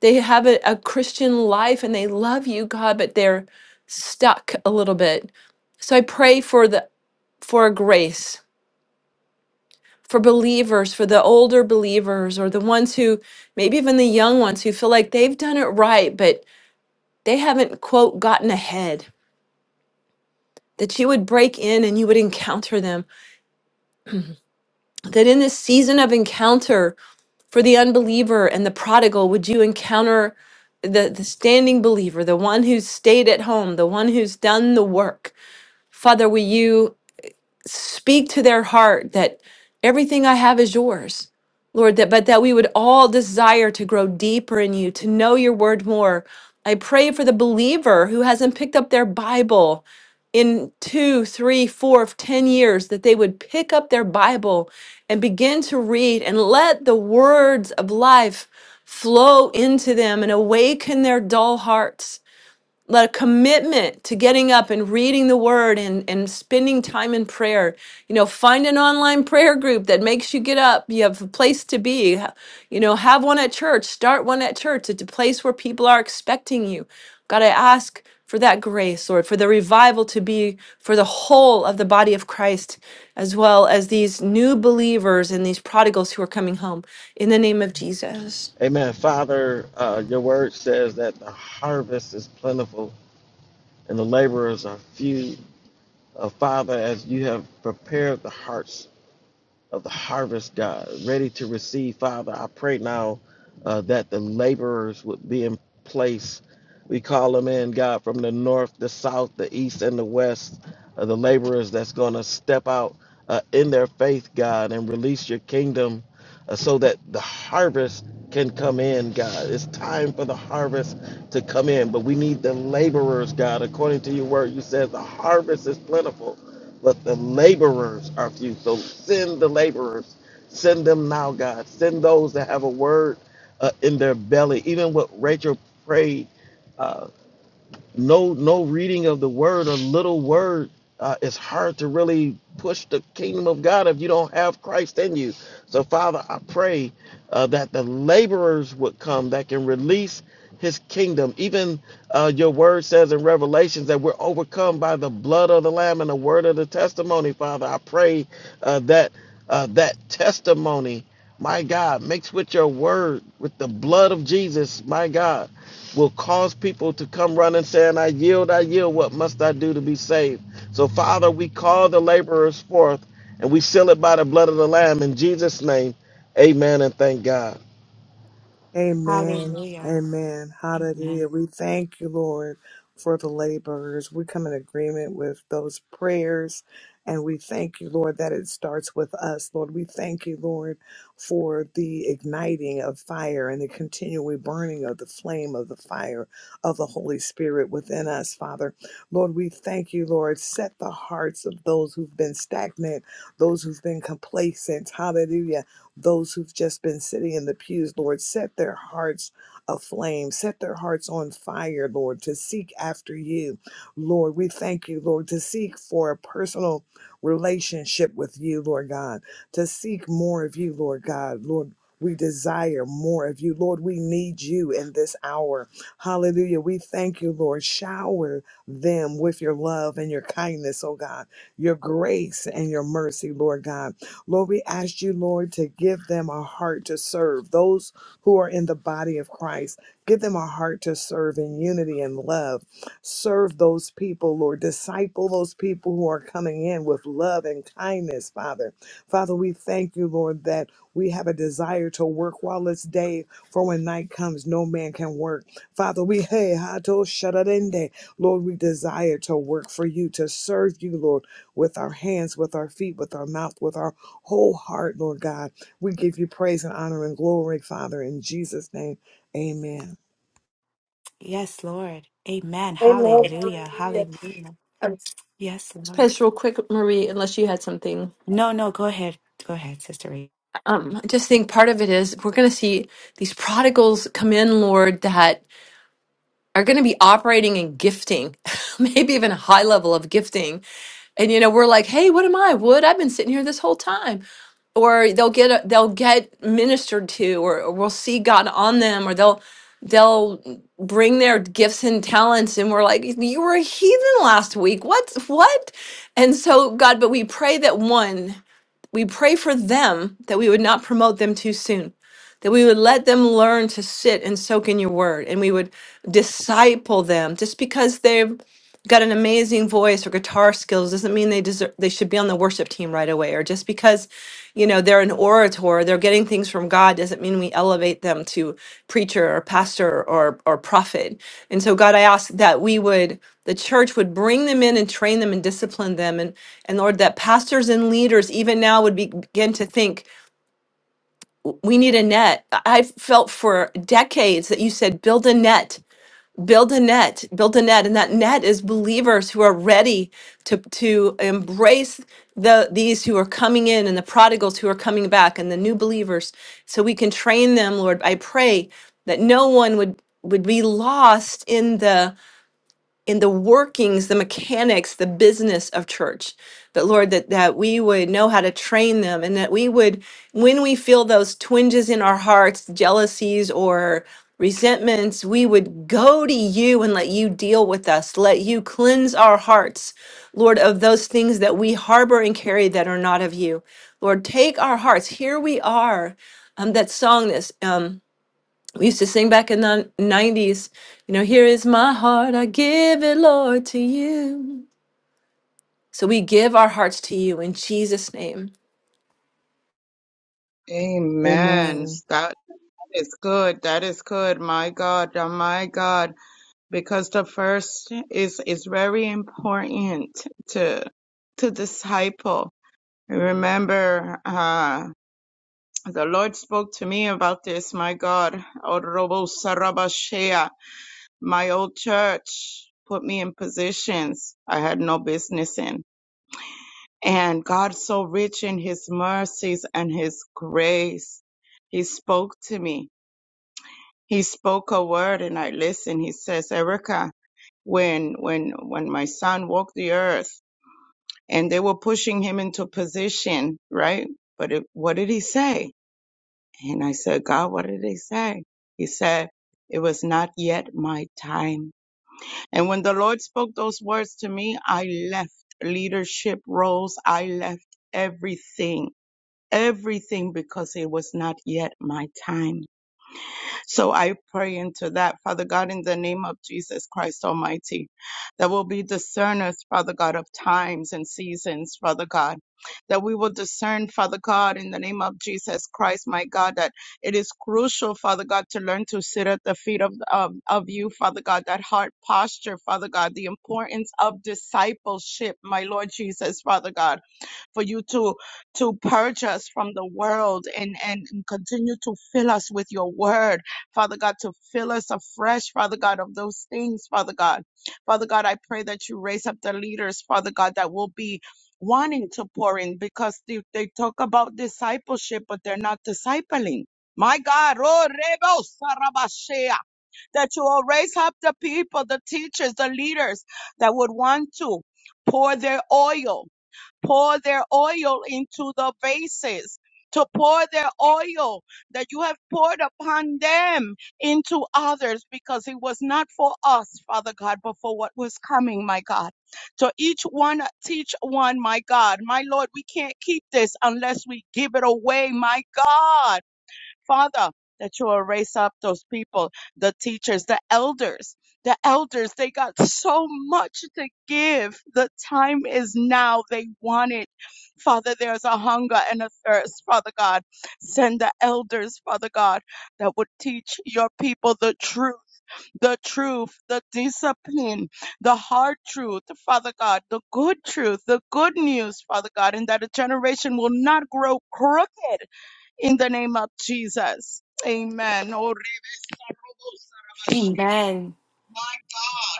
Speaker 2: they have a, a christian life and they love you god but they're stuck a little bit so i pray for the for a grace for believers for the older believers or the ones who maybe even the young ones who feel like they've done it right but they haven't quote gotten ahead that you would break in and you would encounter them that in this season of encounter For the unbeliever and the prodigal, would you encounter the, the standing believer, the one who's stayed at home, the one who's done the work? Father, will you? speak to their heart that everything I have is yours. Lord, that but that we would all desire to grow deeper in you, to know your word more. I pray for the believer who hasn't picked up their Bible in two, three, four, ten years, that they would pick up their Bible and begin to read and let the words of life flow into them and awaken their dull hearts let a commitment to getting up and reading the word and, and spending time in prayer. You know, find an online prayer group that makes you get up. You have a place to be. You know, have one at church, start one at church. It's a place where people are expecting you. God, I ask for that grace, Lord, for the revival to be for the whole of the body of Christ, as well as these new believers and these prodigals who are coming home. In the name of Jesus.
Speaker 4: Amen. Father, uh, your word says that the harvest is plentiful and the laborers are few. Uh, Father, as you have prepared the hearts of the harvest, God, ready to receive. Father, I pray now uh, that the laborers would be in place. We call them in, God, from the north, the south, the east, and the west. Uh, the laborers that's going to step out uh, in their faith, God, and release your kingdom uh, so that the harvest can come in, God. It's time for the harvest to come in, but we need the laborers, God. According to your word, you said the harvest is plentiful, but the laborers are few. So send the laborers. Send them now, God. Send those that have a word uh, in their belly. Even what Rachel prayed uh, no no reading of the word a little word uh, it's hard to really push the kingdom of god if you don't have christ in you so father i pray uh, that the laborers would come that can release his kingdom even uh, your word says in revelations that we're overcome by the blood of the lamb and the word of the testimony father i pray uh, that uh, that testimony my god mixed with your word with the blood of jesus my god will cause people to come running saying, I yield, I yield, what must I do to be saved? So, Father, we call the laborers forth and we seal it by the blood of the Lamb in Jesus' name. Amen and thank God.
Speaker 3: Amen.
Speaker 1: Hallelujah.
Speaker 3: Amen. Hallelujah.
Speaker 1: Amen.
Speaker 3: We thank you, Lord, for the laborers. We come in agreement with those prayers. And we thank you, Lord, that it starts with us, Lord. We thank you, Lord, for the igniting of fire and the continual burning of the flame of the fire of the Holy Spirit within us, Father. Lord, we thank you, Lord. Set the hearts of those who've been stagnant, those who've been complacent. Hallelujah those who've just been sitting in the pews, Lord, set their hearts aflame, set their hearts on fire, Lord, to seek after you. Lord, we thank you, Lord, to seek for a personal relationship with you, Lord God, to seek more of you, Lord God, Lord. We desire more of you. Lord, we need you in this hour. Hallelujah. We thank you, Lord. Shower them with your love and your kindness, oh God, your grace and your mercy, Lord God. Lord, we ask you, Lord, to give them a heart to serve those who are in the body of Christ. Give them a heart to serve in unity and love. Serve those people, Lord. Disciple those people who are coming in with love and kindness, Father. Father, we thank you, Lord, that we have a desire to work while it's day, for when night comes, no man can work. Father, we, hey, hato sharadende. Lord, we desire to work for you, to serve you, Lord with our hands, with our feet, with our mouth, with our whole heart, Lord God. We give you praise and honor and glory, Father, in Jesus' name. Amen.
Speaker 1: Yes, Lord. Amen.
Speaker 2: Amen.
Speaker 1: Hallelujah.
Speaker 2: Hallelujah.
Speaker 1: Hallelujah. Yes, Lord.
Speaker 2: Just real quick, Marie, unless you had something.
Speaker 1: No, no, go ahead. Go ahead, Sister.
Speaker 2: Um, I just think part of it is we're going to see these prodigals come in, Lord, that are going to be operating in gifting, maybe even a high level of gifting. And you know, we're like, hey, what am I? Wood? I've been sitting here this whole time. Or they'll get a, they'll get ministered to, or, or we'll see God on them, or they'll they'll bring their gifts and talents, and we're like, you were a heathen last week. What what? And so God, but we pray that one. we pray for them that we would not promote them too soon, that we would let them learn to sit and soak in your word, and we would disciple them just because they've got an amazing voice or guitar skills doesn't mean they deserve they should be on the worship team right away or just because you know they're an orator they're getting things from god doesn't mean we elevate them to preacher or pastor or or prophet and so god i ask that we would the church would bring them in and train them and discipline them and and lord that pastors and leaders even now would be, begin to think "W- we need a net I- i've felt for decades that you said build a net build a net build a net and that net is believers who are ready to to embrace the these who are coming in and the prodigals who are coming back and the new believers so we can train them lord i pray that no one would would be lost in the in the workings, the mechanics, the business of church. But Lord, that, that we would know how to train them and that we would, when we feel those twinges in our hearts, jealousies or resentments, we would go to you and let you deal with us. Let you cleanse our hearts, Lord, of those things that we harbor and carry that are not of you. Lord, take our hearts. Here we are. Um, that song this. um, we used to sing back in the 90s you know here is my heart i give it lord to you so we give our hearts to you in jesus name
Speaker 6: Amen.
Speaker 3: Amen.
Speaker 6: That that is good. That is good. My God. Oh, my God. because the first is is very important to to disciple. Remember, uh, the Lord spoke to me about this. My God, Orobo Sarabashea, my old church put me in positions I had no business in. And God, so rich in His mercies and His grace, He spoke to me. He spoke a word, and I listened. He says, "Erica." when when when my son walked the earth and they were pushing him into position right but it, what did he say and i said god what did he say he said it was not yet my time and when the lord spoke those words to me i left leadership roles i left everything everything because it was not yet my time so I pray into that, Father God, in the name of Jesus Christ Almighty, that we'll be discerners, Father God, of times and seasons, Father God, that we will discern, Father God, in the name of Jesus Christ, my God, that it is crucial, Father God, to learn to sit at the feet of, of, of you, Father God, that heart posture, Father God, the importance of discipleship, my Lord Jesus, Father God for you to to purge us from the world and, and and continue to fill us with your word father god to fill us afresh father god of those things father god father god i pray that you raise up the leaders father god that will be wanting to pour in because they, they talk about discipleship but they're not discipling my God, oh, Rebo Sarabashea, that you will raise up the people, the teachers, the leaders that would want to pour their oil pour their oil into the vases, to pour their oil that you have poured upon them into others because it was not for us, Father God, but for what was coming, my God. To each one, teach one, my God. My Lord, we can't keep this unless we give it away, my God. Father, that you will raise up those people, the teachers, the elders. The elders, they got so much to give. The time is now. They want it. Father, there's a hunger and a thirst, Father God. Send the elders, Father God, that would teach your people the truth, the truth, the discipline, the hard truth, Father God, the good truth, the good news, Father God, and that a generation will not grow crooked in the name of Jesus. Amen. Oh, Rebus,
Speaker 1: Rachel.
Speaker 6: my God.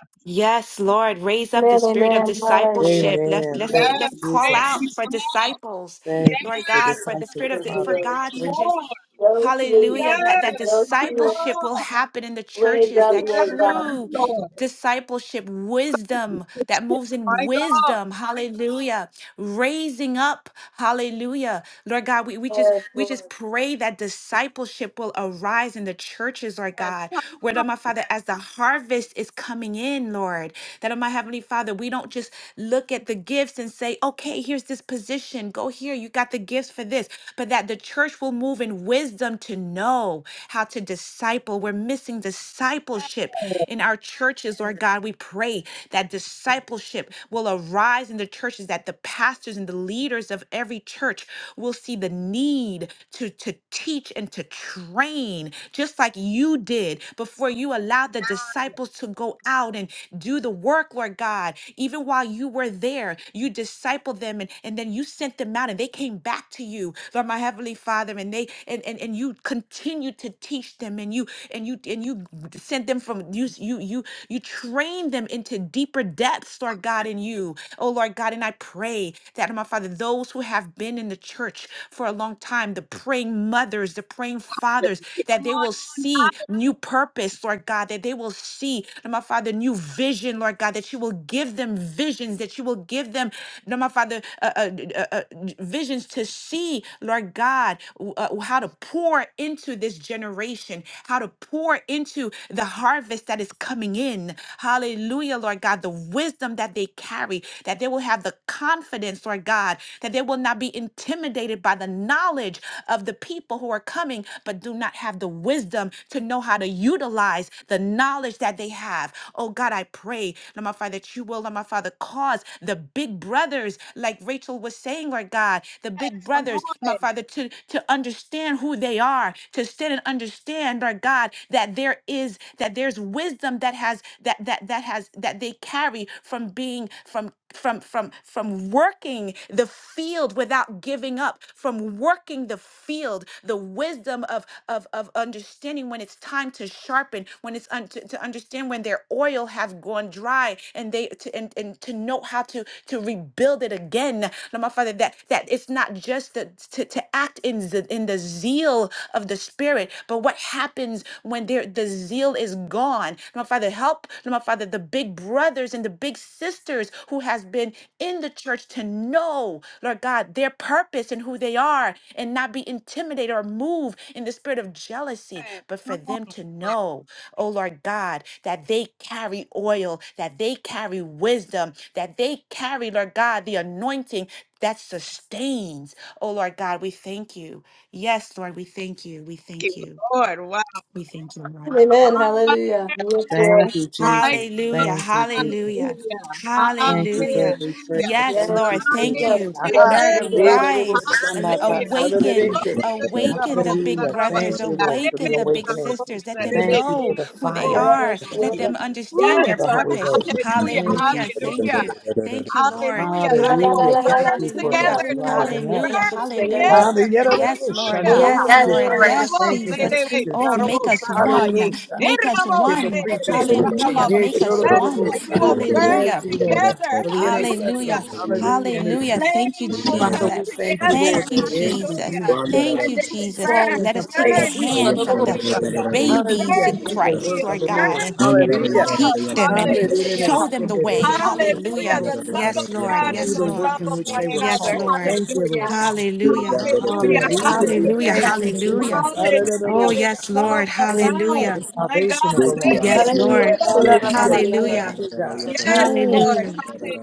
Speaker 2: Amen,
Speaker 1: Spirit of
Speaker 2: amen. Hallelujah.
Speaker 1: discipleship. Let's
Speaker 3: Amen.
Speaker 1: let's
Speaker 3: Thank you,
Speaker 6: Yes,
Speaker 1: let's call
Speaker 6: thank
Speaker 3: Jesus.
Speaker 1: out
Speaker 6: you,
Speaker 1: for
Speaker 6: God.
Speaker 1: disciples,
Speaker 3: Thank you
Speaker 1: Lord
Speaker 3: for
Speaker 1: God, for the spirit
Speaker 3: disciples,
Speaker 1: of the, for
Speaker 3: Father.
Speaker 6: Hungry
Speaker 2: Lord.
Speaker 6: for
Speaker 1: God to
Speaker 6: more.
Speaker 1: just
Speaker 2: Those who
Speaker 1: Hallelujah.
Speaker 2: need,
Speaker 1: That that
Speaker 6: Yes,
Speaker 2: those
Speaker 6: my
Speaker 2: who are
Speaker 1: discipleship will
Speaker 6: God.
Speaker 1: happen in the
Speaker 2: raised
Speaker 1: churches,
Speaker 2: up,
Speaker 1: that
Speaker 2: Lord God.
Speaker 6: Yes,
Speaker 1: true
Speaker 6: Lord.
Speaker 1: discipleship, wisdom that moves in
Speaker 6: My God.
Speaker 1: wisdom. Hallelujah. Raising up. Hallelujah. Lord God, we, we just
Speaker 2: Yes,
Speaker 1: we
Speaker 2: Lord.
Speaker 1: just pray that discipleship will arise in the churches, Lord God. Where Lord my Father, as the harvest is coming in, Lord, that oh my Heavenly Father, we don't just look at the gifts and say, okay, here's this position. Go here. You got the gifts for this but that the church will move in wisdom to know how to disciple. We're missing discipleship in our churches, Lord God. We pray that discipleship will arise in the churches, that the pastors and the leaders of every church will see the need to, to teach and to train, just like you did before you allowed the disciples to go out and do the work, Lord God. Even while you were there, you discipled them and, and then you sent them out and they came back to you, Lord my Heavenly Father, and they and and, and you continued to teach them and you and you and you sent them from you you you you trained them into deeper depths, Lord God, in you. Oh Lord God, and I pray that my Father, those who have been in the church for a long time, the praying mothers, the praying fathers, that they will see new purpose, Lord God, that they will see, my Father, new vision, Lord God, that you will give them visions, that you will give them give them, Lord, my Father, uh, uh, uh, uh, visions to see, Lord God, w- uh, how to pour into this generation, how to pour into the harvest that is coming in. Hallelujah, Lord God, the wisdom that they carry, that they will have the confidence, Lord God, that they will not be intimidated by the knowledge of the people who are coming, but do not have the wisdom to know how to utilize the knowledge that they have. Oh God, I pray, Lord, my Father, that you that you will, Lord my Father, cause the big brothers, like Rachel was saying, Lord God, the big
Speaker 6: Come on.
Speaker 1: brothers, my Father, to, to understand who they are, to stand and understand, Lord God, that there is that there's wisdom that has that that that has that they carry from being from from from from working the field without giving up, from working the field, the wisdom of of of understanding when it's time to sharpen, when it's un- to, to understand when they're oil have gone dry and they to, and, and to know how to to rebuild it again Lord, my father that that it's not just the, to, to act in the in the zeal of the spirit but what happens when there the zeal is gone Lord, my father help Lord, my father the big brothers and the big sisters who has been in the church to know lord god their purpose and who they are and not be intimidated or moved in the spirit of jealousy
Speaker 6: Thank
Speaker 1: but for them to know oh Lord God, that they carry oil, that they carry wisdom, that they carry, Lord God, the anointing that sustains. Oh Lord God, we thank you. Yes, Lord, we thank you. We thank
Speaker 6: you,
Speaker 1: you.
Speaker 6: Lord. Wow.
Speaker 1: We thank you, Lord.
Speaker 6: Yes,
Speaker 2: Yes, Lord.
Speaker 3: Thank you,
Speaker 6: My
Speaker 3: Jesus.
Speaker 6: God.
Speaker 1: Hallelujah.
Speaker 3: Thank you, Jesus.
Speaker 1: Hallelujah.
Speaker 6: Hallelujah.
Speaker 3: Thank you for
Speaker 1: Hallelujah.
Speaker 3: every
Speaker 6: Hallelujah.
Speaker 3: prayer.
Speaker 1: Yes,
Speaker 3: Thank you
Speaker 1: Lord.
Speaker 2: Yes,
Speaker 3: for the
Speaker 2: we
Speaker 1: Thank
Speaker 3: word
Speaker 2: go.
Speaker 1: you.
Speaker 3: of
Speaker 6: Hallelujah.
Speaker 2: Yes,
Speaker 3: God.
Speaker 1: Lord,
Speaker 2: we
Speaker 6: Yes,
Speaker 3: Yeah,
Speaker 2: go.
Speaker 3: the
Speaker 6: Lord.
Speaker 3: little
Speaker 1: arise,
Speaker 3: son
Speaker 1: and
Speaker 3: of God,
Speaker 6: Hallelujah.
Speaker 3: son of the
Speaker 1: awaken,
Speaker 3: day.
Speaker 6: Bodeguesa,
Speaker 1: awaken the
Speaker 6: robosa,
Speaker 1: big
Speaker 3: Hallelujah.
Speaker 1: brothers,
Speaker 3: Thank you,
Speaker 6: rabachea,
Speaker 3: Lord, for the
Speaker 1: awaken the big
Speaker 6: rebesa,
Speaker 3: awakening.
Speaker 1: sisters.
Speaker 6: robosa,
Speaker 1: Let them
Speaker 3: Thank you for
Speaker 1: know
Speaker 3: the
Speaker 6: rebequesa,
Speaker 1: who they
Speaker 3: fire.
Speaker 6: robosa,
Speaker 1: are.
Speaker 2: Yes,
Speaker 1: Let
Speaker 6: rabaye.
Speaker 1: them
Speaker 2: yes.
Speaker 1: understand
Speaker 6: Yes,
Speaker 3: Ooh,
Speaker 1: their
Speaker 3: the
Speaker 6: Lord.
Speaker 3: Holy
Speaker 1: purpose.
Speaker 3: Ghost.
Speaker 6: Hallelujah.
Speaker 3: Thank you,
Speaker 1: Hallelujah.
Speaker 3: Jesus.
Speaker 1: Thank
Speaker 6: Hallelujah.
Speaker 1: you. Thank you, Lord.
Speaker 6: Hallelujah.
Speaker 2: Sí, La
Speaker 6: That we
Speaker 2: la la
Speaker 6: will
Speaker 3: Hallelujah.
Speaker 2: la
Speaker 1: Hallelujah.
Speaker 2: la
Speaker 3: Thank
Speaker 2: la.
Speaker 6: burn
Speaker 3: you for
Speaker 1: Hallelujah.
Speaker 3: those
Speaker 6: together, Lord.
Speaker 3: rising up.
Speaker 1: Hallelujah.
Speaker 6: Burn
Speaker 2: Yes,
Speaker 1: Hallelujah.
Speaker 6: together.
Speaker 3: Hallelujah.
Speaker 1: Yes, Lord.
Speaker 6: Hallelujah.
Speaker 1: Yes,
Speaker 3: Shandayaki.
Speaker 1: Lord.
Speaker 2: Lord.
Speaker 1: Yes,
Speaker 6: Nerobose,
Speaker 3: Thank you for
Speaker 1: Jesus.
Speaker 2: Yes, Lord.
Speaker 3: teachers
Speaker 6: rebesa,
Speaker 1: Oh, make
Speaker 3: teaching.
Speaker 1: us
Speaker 6: robosa,
Speaker 1: one.
Speaker 6: rabaye.
Speaker 3: Hallelujah.
Speaker 1: Make us
Speaker 3: Thank you
Speaker 6: Nerobose,
Speaker 3: for
Speaker 1: one.
Speaker 3: preachers
Speaker 6: rebesa,
Speaker 3: preaching.
Speaker 1: Hallelujah.
Speaker 6: rabaye.
Speaker 3: Yea,
Speaker 1: Make us
Speaker 6: Yes,
Speaker 1: one.
Speaker 6: Lord, we
Speaker 3: shodororosa.
Speaker 6: will burn
Speaker 3: Thank
Speaker 1: Hallelujah.
Speaker 3: you,
Speaker 5: La
Speaker 3: Lord God,
Speaker 6: together.
Speaker 3: for
Speaker 5: La
Speaker 3: the
Speaker 6: Hallelujah.
Speaker 1: Hallelujah.
Speaker 3: intercessors. Hallelujah.
Speaker 6: These
Speaker 1: Hallelujah.
Speaker 3: Interceding.
Speaker 1: Thank you,
Speaker 6: flames will
Speaker 3: Father,
Speaker 6: come
Speaker 3: we
Speaker 1: Jesus.
Speaker 3: thank you,
Speaker 6: together.
Speaker 3: Lord,
Speaker 1: Thank you,
Speaker 3: that every
Speaker 1: Jesus.
Speaker 6: Hallelujah.
Speaker 3: ministry
Speaker 1: Thank
Speaker 6: And
Speaker 3: will
Speaker 1: you,
Speaker 6: they will
Speaker 1: Jesus.
Speaker 3: fall
Speaker 6: burn,
Speaker 1: Let
Speaker 3: into
Speaker 1: us take the
Speaker 3: place.
Speaker 6: burn, Lord.
Speaker 1: hands of the
Speaker 6: Hallelujah.
Speaker 1: babies
Speaker 3: Hallelujah.
Speaker 6: Burn
Speaker 1: in
Speaker 3: Do
Speaker 6: with
Speaker 3: the
Speaker 1: Christ,
Speaker 3: work
Speaker 6: zeal.
Speaker 3: of
Speaker 1: Lord
Speaker 3: the Lord.
Speaker 1: God,
Speaker 6: Burn
Speaker 1: and,
Speaker 6: with
Speaker 5: La
Speaker 1: and
Speaker 3: Hallelujah.
Speaker 6: love.
Speaker 1: teach them and
Speaker 5: La La.
Speaker 3: Hallelujah.
Speaker 6: Hallelujah.
Speaker 1: show them
Speaker 3: Do
Speaker 1: the way.
Speaker 5: Yandere
Speaker 6: Hallelujah.
Speaker 1: Hallelujah.
Speaker 6: The love of
Speaker 1: Yes, Lord.
Speaker 6: God and
Speaker 1: Yes,
Speaker 3: the
Speaker 6: the
Speaker 1: Lord.
Speaker 3: work
Speaker 6: love
Speaker 3: in
Speaker 6: of
Speaker 3: which
Speaker 6: one
Speaker 3: they were
Speaker 1: Yes,
Speaker 6: another.
Speaker 3: called.
Speaker 1: Lord.
Speaker 3: Thank you, Lord
Speaker 6: Hallelujah.
Speaker 3: God.
Speaker 1: Hallelujah.
Speaker 6: Hallelujah.
Speaker 3: Hallelujah. We
Speaker 1: Hallelujah.
Speaker 3: thank you,
Speaker 1: Hallelujah.
Speaker 3: Jesus. Hallelujah.
Speaker 1: Oh, yes, Lord.
Speaker 3: Thank you for
Speaker 1: Hallelujah.
Speaker 3: the salvation of the Lord.
Speaker 1: Yes,
Speaker 2: Hallelujah.
Speaker 1: Lord.
Speaker 2: Kula baba
Speaker 3: Hallelujah.
Speaker 2: bari anda
Speaker 3: Thank
Speaker 1: Hallelujah.
Speaker 3: you, God. Mm,
Speaker 1: Hallelujah.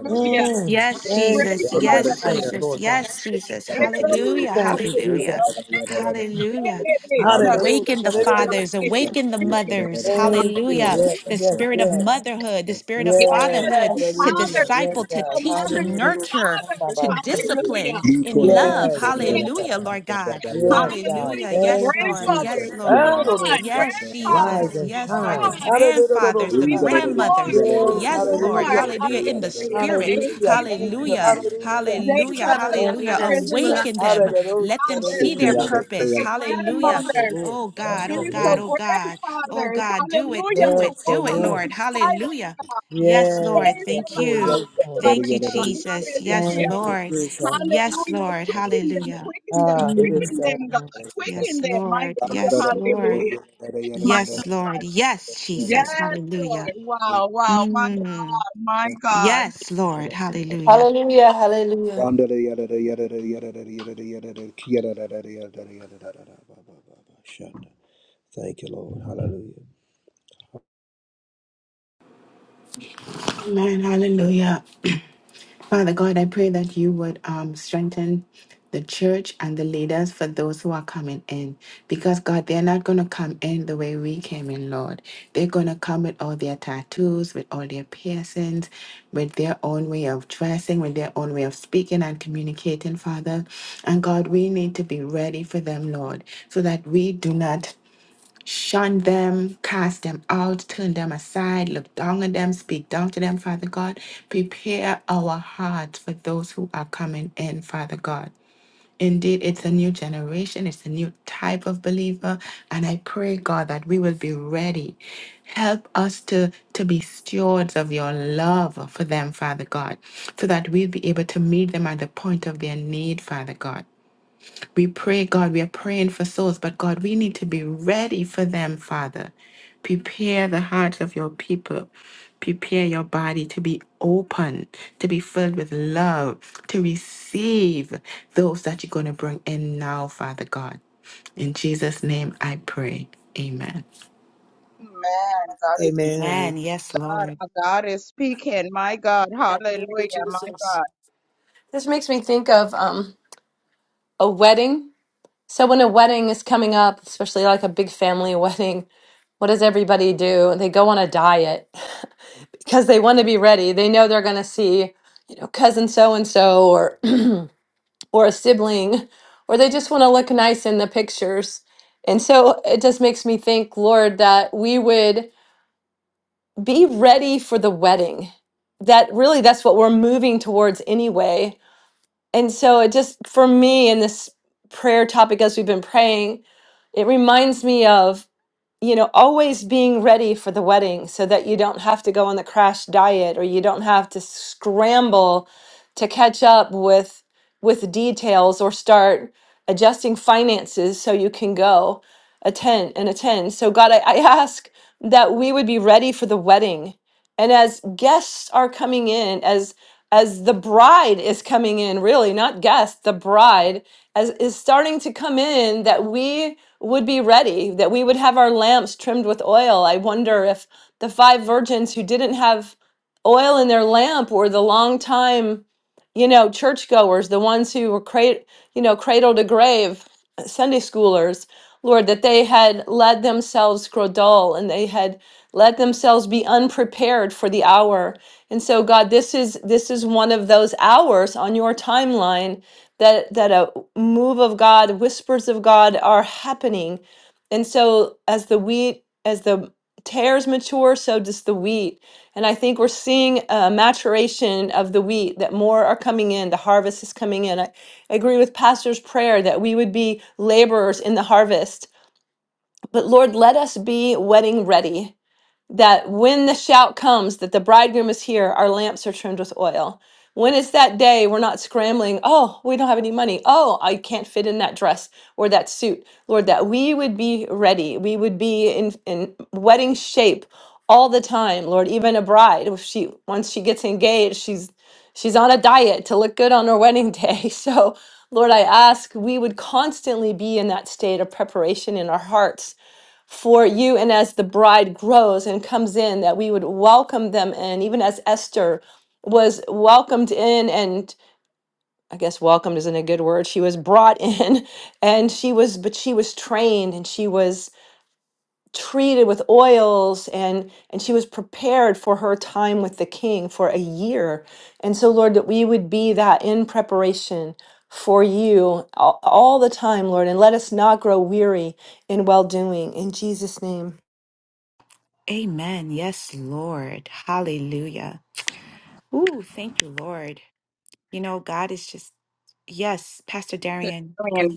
Speaker 3: mm.
Speaker 1: Yes,
Speaker 3: Thank you
Speaker 1: Jesus.
Speaker 3: for the
Speaker 1: Yes,
Speaker 3: fire,
Speaker 1: Jesus.
Speaker 3: Lord God.
Speaker 1: Yes, Jesus.
Speaker 3: Ooh,
Speaker 1: Hallelujah.
Speaker 3: Thank you,
Speaker 1: Hallelujah.
Speaker 3: Jesus.
Speaker 1: Hallelujah.
Speaker 3: Hallelujah.
Speaker 1: Awaken the fathers, awaken the mothers.
Speaker 3: Thank you.
Speaker 1: Hallelujah.
Speaker 3: Yes,
Speaker 1: The
Speaker 3: yes,
Speaker 1: spirit of
Speaker 3: yes.
Speaker 1: motherhood, the spirit of
Speaker 6: Yes,
Speaker 3: Yes,
Speaker 1: fatherhood
Speaker 6: and
Speaker 2: Yes.
Speaker 1: to
Speaker 3: hallelujah.
Speaker 6: fathers,
Speaker 3: Yes,
Speaker 1: disciple, to
Speaker 3: God.
Speaker 6: spiritual
Speaker 1: teach, to
Speaker 6: mothers and
Speaker 3: Hallelujah.
Speaker 1: nurture,
Speaker 6: fathers.
Speaker 1: to
Speaker 3: Shandaba, Savior.
Speaker 6: Hallelujah.
Speaker 1: discipline in
Speaker 5: Yada
Speaker 1: love.
Speaker 3: Yes, yes, God.
Speaker 1: Hallelujah, Lord God.
Speaker 3: Yes, God.
Speaker 1: Hallelujah.
Speaker 6: Hallelujah. The
Speaker 1: Yes,
Speaker 3: Thank you,
Speaker 1: Lord.
Speaker 3: Jesus.
Speaker 1: Yes,
Speaker 6: grandmothers. Come
Speaker 1: Lord.
Speaker 6: on.
Speaker 3: Hallelujah.
Speaker 1: Yes,
Speaker 3: Rise
Speaker 1: Jesus.
Speaker 6: Grandfathers.
Speaker 3: and
Speaker 6: Come
Speaker 1: Yes, Lord. The
Speaker 3: shine.
Speaker 6: on.
Speaker 3: Hallelujah.
Speaker 1: grandfathers, the
Speaker 6: We want more,
Speaker 1: grandmothers.
Speaker 3: Yes,
Speaker 6: more,
Speaker 1: Yes, Lord.
Speaker 6: more.
Speaker 3: hallelujah.
Speaker 1: Hallelujah. In the
Speaker 6: Hallelujah.
Speaker 1: spirit.
Speaker 6: Thank
Speaker 3: Hallelujah.
Speaker 6: you.
Speaker 3: Thank
Speaker 6: Jesus.
Speaker 3: you.
Speaker 1: Hallelujah.
Speaker 3: Hallelujah.
Speaker 6: Raise
Speaker 1: Hallelujah.
Speaker 6: up
Speaker 2: Kula
Speaker 6: the
Speaker 2: bari
Speaker 3: Thank
Speaker 2: anda
Speaker 1: Hallelujah.
Speaker 3: you,
Speaker 6: mothers
Speaker 2: das.
Speaker 6: and the
Speaker 3: Jesus.
Speaker 1: Awaken them.
Speaker 2: Krishna.
Speaker 3: Hallelujah.
Speaker 1: Let them
Speaker 6: fathers,
Speaker 1: see
Speaker 6: the
Speaker 1: their
Speaker 3: Hallelujah.
Speaker 1: purpose.
Speaker 6: spiritual
Speaker 1: Hallelujah
Speaker 3: Bless the
Speaker 6: grandmothers,
Speaker 3: Lord.
Speaker 1: Oh
Speaker 6: the
Speaker 3: Bless
Speaker 1: God,
Speaker 3: the
Speaker 1: oh
Speaker 6: spiritual
Speaker 1: God,
Speaker 3: Lord.
Speaker 1: oh God, oh
Speaker 6: grandfathers.
Speaker 1: God, do it,
Speaker 6: Hallelujah.
Speaker 1: do
Speaker 6: To
Speaker 1: it,
Speaker 3: Bless the
Speaker 6: walk
Speaker 1: do it,
Speaker 3: Lord.
Speaker 1: Lord.
Speaker 6: alongside them.
Speaker 1: Hallelujah. Yes,
Speaker 3: Yes,
Speaker 1: Lord.
Speaker 6: Raise
Speaker 3: yes,
Speaker 6: them
Speaker 1: Thank
Speaker 3: Lord. Yes,
Speaker 6: up,
Speaker 1: you.
Speaker 3: Lord.
Speaker 6: Father
Speaker 1: Thank you,
Speaker 6: God.
Speaker 1: Jesus. Yes,
Speaker 3: Thank
Speaker 6: Hallelujah.
Speaker 3: you,
Speaker 1: Lord.
Speaker 3: Jesus.
Speaker 1: Yes,
Speaker 6: Hallelujah.
Speaker 1: Lord.
Speaker 6: Quicken them,
Speaker 1: Hallelujah.
Speaker 6: quicken them,
Speaker 3: Ah, it is
Speaker 6: quicken
Speaker 1: Mm.
Speaker 6: them,
Speaker 3: done.
Speaker 6: God. Quicken
Speaker 1: Yes,
Speaker 6: them, my
Speaker 1: Lord. Yes,
Speaker 6: God.
Speaker 1: Lord.
Speaker 6: Hallelujah.
Speaker 1: Yes, Lord. Yes, Jesus.
Speaker 6: Yes,
Speaker 1: Hallelujah.
Speaker 6: Lord. Wow, wow. My God,
Speaker 1: Mm.
Speaker 6: my God.
Speaker 1: Yes. Hallelujah.
Speaker 2: Hallelujah. Hallelujah.
Speaker 5: Randa da yada da yada da yada da yada da yada da yada da da yada da yada da da da ba ba ba ba shanda. Thank you, Lord. Hallelujah.
Speaker 7: Amen. Hallelujah. Father God, I pray that you would um, strengthen the church and the leaders for those who are coming in. Because, God, they're not going to come in the way we came in, Lord. They're going to come with all their tattoos, with all their piercings, with their own way of dressing, with their own way of speaking and communicating, Father. And, God, we need to be ready for them, Lord, so that we do not Shun them, cast them out, turn them aside, look down on them, speak down to them, Father God. Prepare our hearts for those who are coming in, Father God. Indeed, it's a new generation, it's a new type of believer. And I pray, God, that we will be ready. Help us to, to be stewards of your love for them, Father God, so that we'll be able to meet them at the point of their need, Father God. We pray, God, we are praying for souls, but God, we need to be ready for them, Father. Prepare the hearts of your people. Prepare your body to be open, to be filled with love, to receive those that you're going to bring in now, Father God. In Jesus' name I pray. Amen.
Speaker 6: Man, God is,
Speaker 1: Amen.
Speaker 3: Amen.
Speaker 6: God is speaking. My God.
Speaker 2: Yeah, Thank you,
Speaker 6: Hallelujah. My God.
Speaker 2: Jesus. This makes me think of um a wedding. So when a wedding is coming up, especially like a big family wedding, what does everybody do? They go on a diet because they want to be ready. They know they're going to see, you know, cousin so and so or or a sibling, or they just want to look nice in the pictures. And so it just makes me think, Lord, that we would be ready for the wedding. That really, that's what we're moving towards anyway. And so it just, for me, in this prayer topic, as we've been praying, it reminds me of you know, always being ready for the wedding so that you don't have to go on the crash diet or you don't have to scramble to catch up with with details or start adjusting finances so you can go attend and attend. So God, I, I ask that we would be ready for the wedding. And as guests are coming in, as as the bride is coming in, really, not guests, the bride, as is starting to come in that we would be ready, that we would have our lamps trimmed with oil. I wonder if the five virgins who didn't have oil in their lamp were the long time, you know, churchgoers, the ones who were cra- you know, cradle to grave Sunday schoolers, Lord, that they had let themselves grow dull and they had let themselves be unprepared for the hour. And so God, this is this is one of those hours on your timeline that that a move of God, whispers of God are happening. And so as the wheat, as the tares mature, so does the wheat. And I think we're seeing a maturation of the wheat that more are coming in, the harvest is coming in. I agree with pastor's prayer that we would be laborers in the harvest. But Lord, let us be wedding ready that when the shout comes that the bridegroom is here, our lamps are trimmed with oil. When it's that day, we're not scrambling, oh, we don't have any money. Oh, I can't fit in that dress or that suit. Lord, that we would be ready. We would be in, in wedding shape all the time. Lord, even a bride, if she once she gets engaged, she's she's on a diet to look good on her wedding day. So Lord, I ask we would constantly be in that state of preparation in our hearts for you and as the bride grows and comes in that we would welcome them in even as esther was welcomed in and i guess welcomed isn't a good word she was brought in and she was but she was trained and she was treated with oils and and she was prepared for her time with the king for a year and so lord that we would be that in preparation for you all, all the time lord and let us not grow weary in well doing in jesus name
Speaker 1: Amen. Yes, Lord. Hallelujah. Ooh, thank you, Lord. You know, God is just, yes, Pastor Darian, go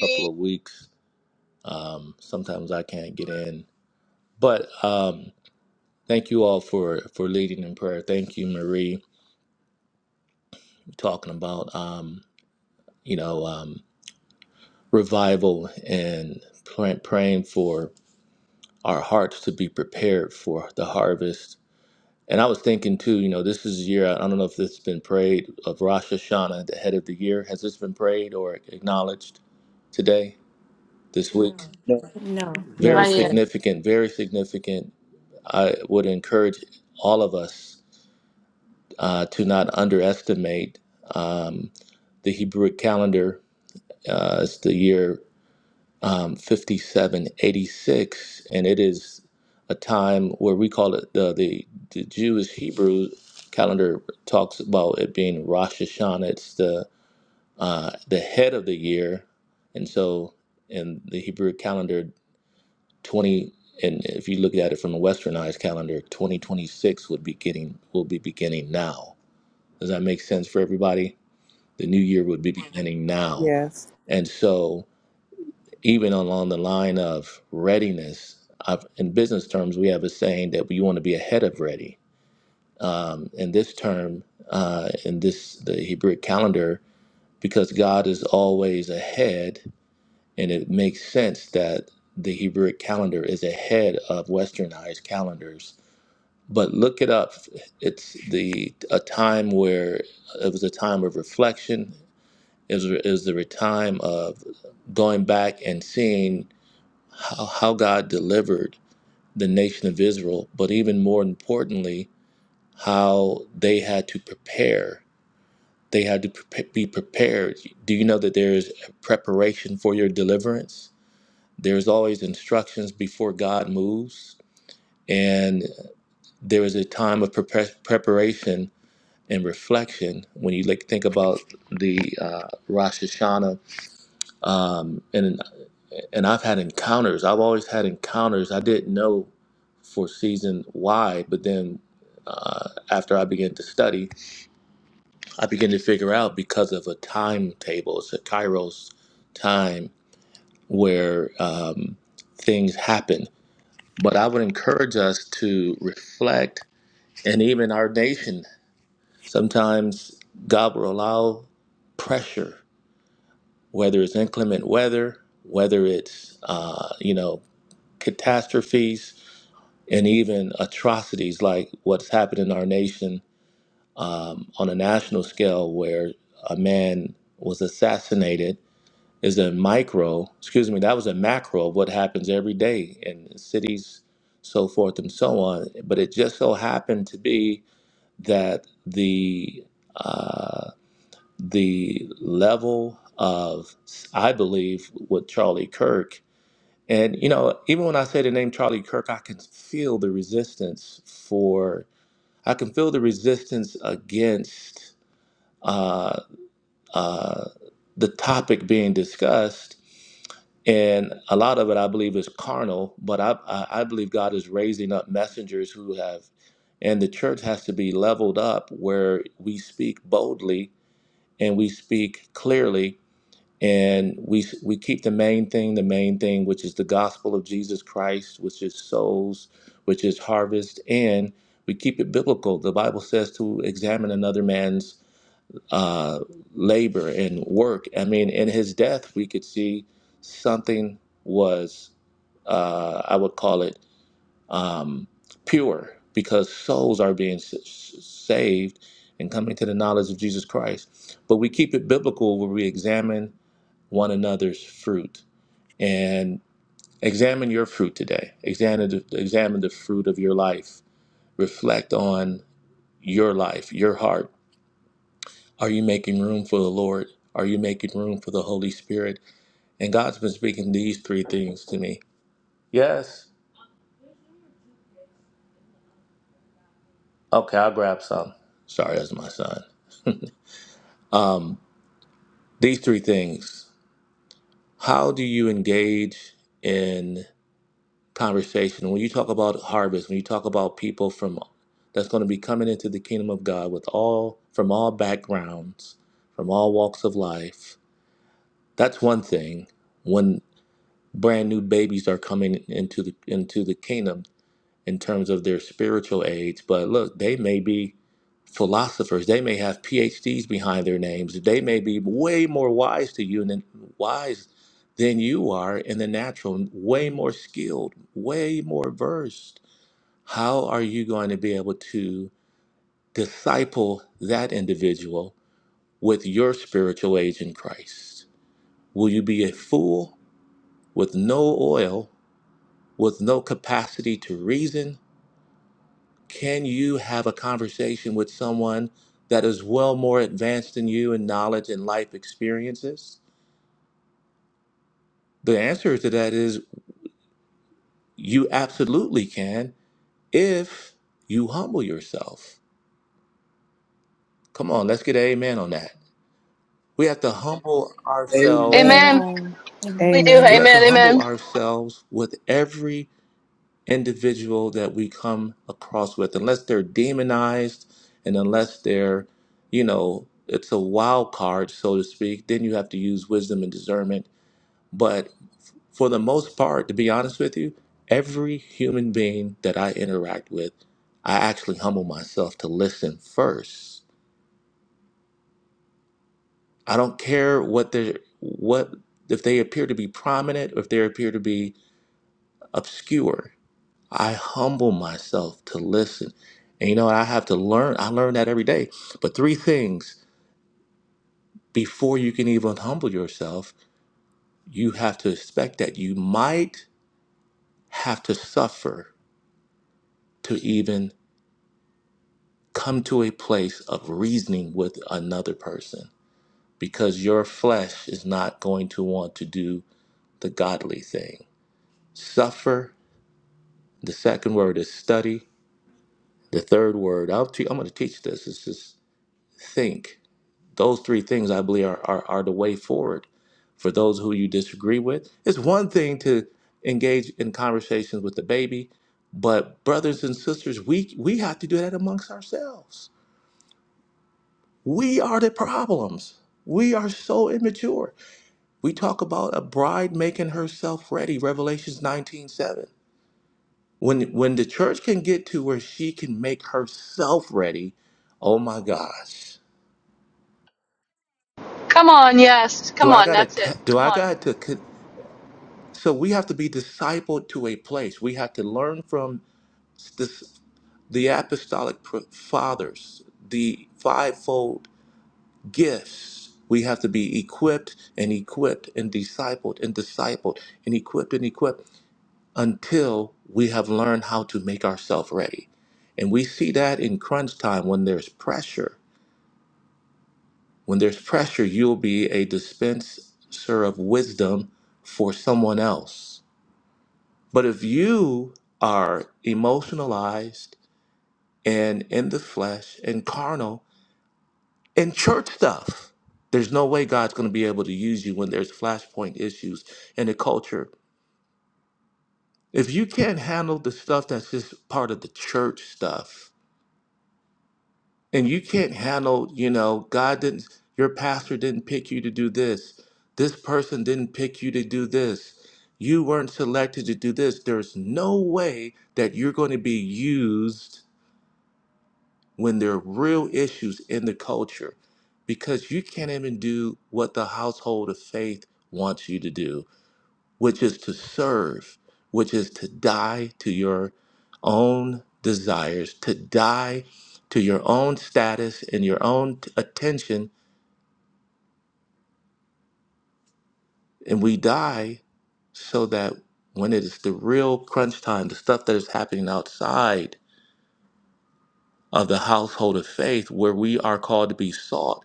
Speaker 8: couple of weeks. Um, sometimes I can't get in, but um, thank you all for for leading in prayer. Thank you, Marie, talking about um, you know um, revival and pray, praying for our hearts to be prepared for the harvest. And I was thinking too, you know, this is a year. I don't know if this has been prayed of Rosh Hashanah, the head of the year. Has this been prayed or acknowledged today, this week?
Speaker 5: No.
Speaker 1: ahead.
Speaker 3: No,
Speaker 8: very
Speaker 2: Not yet.
Speaker 3: sir.
Speaker 8: significant, very significant. I would encourage all of us uh, to not underestimate um, the Hebrew calendar. Uh, it's the year um, 5786, and it is a time where we call it the, the, the Jewish Hebrew calendar talks about it being Rosh Hashanah. It's the, uh, the head of the year. And so in the Hebrew calendar, 20 and if you look at it from a westernized calendar 2026 would be getting will be beginning now does that make sense for everybody the new year would be beginning now
Speaker 3: Yes.
Speaker 8: and so even along the line of readiness I've, in business terms we have a saying that we want to be ahead of ready um, in this term uh, in this the hebrew calendar because god is always ahead and it makes sense that the hebrew calendar is ahead of westernized calendars but look it up. It's the a time where it was a time of reflection. It was, it was a time of going back and seeing how, how God delivered the nation of Israel, but even more importantly, how they had to prepare. They had to pre- be prepared. Do you know that there is preparation for your deliverance? There's always instructions before God moves, and there is a time of prepar- preparation In reflection when you like think about the uh, Rosh Hashanah um, and and I've had encounters I've always had encounters I didn't know for season why but then uh, after I began to study I began to figure out because of a timetable it's a Kairos time where um, things happen but I would encourage us to reflect and even our nation sometimes God will allow pressure whether it's inclement weather, whether it's uh, you know catastrophes and even atrocities like what's happened in our nation um, on a national scale, where a man was assassinated, is a micro. Excuse me, that was a macro of what happens every day in cities, so forth and so on. But it just so happened to be that the uh, the level of, I believe, with Charlie Kirk. And, you know, even when I say the name Charlie Kirk, I can feel the resistance for, I can feel the resistance against uh, uh, the topic being discussed. And a lot of it, I believe, is carnal, but I, I I believe God is raising up messengers who have, and the church has to be leveled up where we speak boldly and we speak clearly and we we keep the main thing the main thing which is the gospel of jesus christ which is souls which is harvest and we keep it biblical the bible says to examine another man's uh, labor and work i mean in his death we could see something was uh, i would call it um, pure because souls are being s- s- saved and coming to the knowledge of jesus christ but we keep it biblical where we examine one another's fruit and examine your fruit today. Examine the, examine the fruit of your life. Reflect on your life, your heart. Are you making room for the Lord? Are you making room for the Holy Spirit? And God's been speaking these three things to me. Yes. Okay, I'll grab some. Sorry, that's my son. Um, these three things. How do you engage in? conversation. When you talk about harvest, when you talk about people from that's going to be coming into the kingdom of God with all from all backgrounds, from all walks of life, that's one thing. When brand new babies are coming into the into the kingdom in terms of their spiritual age, but look, they may be philosophers, they may have PhDs behind their names, they may be way more wise to you than wise than you are in the natural, way more skilled, way more versed how are you going to be able to disciple that individual with your spiritual age in Christ? Will you be a fool with no oil, with no capacity to reason? Can you have a conversation with someone that is well more advanced than you in knowledge and life experiences? The answer to that is you absolutely can if you humble yourself. Come on, let's get an amen on that. We have to humble ourselves
Speaker 2: Amen.
Speaker 1: Amen. Amen.
Speaker 2: We do.
Speaker 3: Amen.
Speaker 8: We have to
Speaker 2: Amen.
Speaker 8: humble
Speaker 2: Amen.
Speaker 8: ourselves with every individual that we come across with, unless they're demonized and unless they're, you know, it's a wild card, so to speak, then you have to use wisdom and discernment. But for the most part, to be honest with you, every human being that I interact with, I actually humble myself to listen first. I don't care what they what if they appear to be prominent or if they appear to be obscure. I humble myself to listen. And you know, I have to learn. I learn that every day. But three things before you can even humble yourself, you have to expect that you might have to suffer to even come to a place of reasoning with another person because your flesh is not going to want to do the godly thing. Suffer. The second word is study. The third word, I'll te- I'm going to teach this, is just think Those three things, I believe, are, are, are the way forward for those who you disagree with. It's one thing to engage in conversations with the baby, but brothers and sisters, we, we have to do that amongst ourselves. We are the problems. We are so immature. We talk about a bride making herself ready, Revelations 19 7. When, when the church can get to where she can make herself ready, oh my gosh. Do I gotta t- do I got to c- So we have to be discipled to a place. We have to learn from this, the apostolic fathers, the fivefold gifts. We have to be equipped and equipped and discipled and discipled and equipped and equipped until we have learned how to make ourselves ready. And we see that in crunch time when there's pressure. When there's pressure, you'll be a dispenser of wisdom for someone else But if you are emotionalized and in the flesh and carnal and church stuff, there's no way God's going to be able to use you when there's flashpoint issues in the culture. If you can't handle the stuff that's just part of the church stuff, and you can't handle, you know, God didn't, your pastor didn't pick you to do this, this person didn't pick you to do this, you weren't selected to do this, there's no way that you're going to be used when there are real issues in the culture because you can't even do what the household of faith wants you to do, which is to serve, which is to die to your own desires, to die to your own status and your own t- attention. And we die so that when it is the real crunch time, the stuff that is happening outside, of the household of faith where we are called to be salt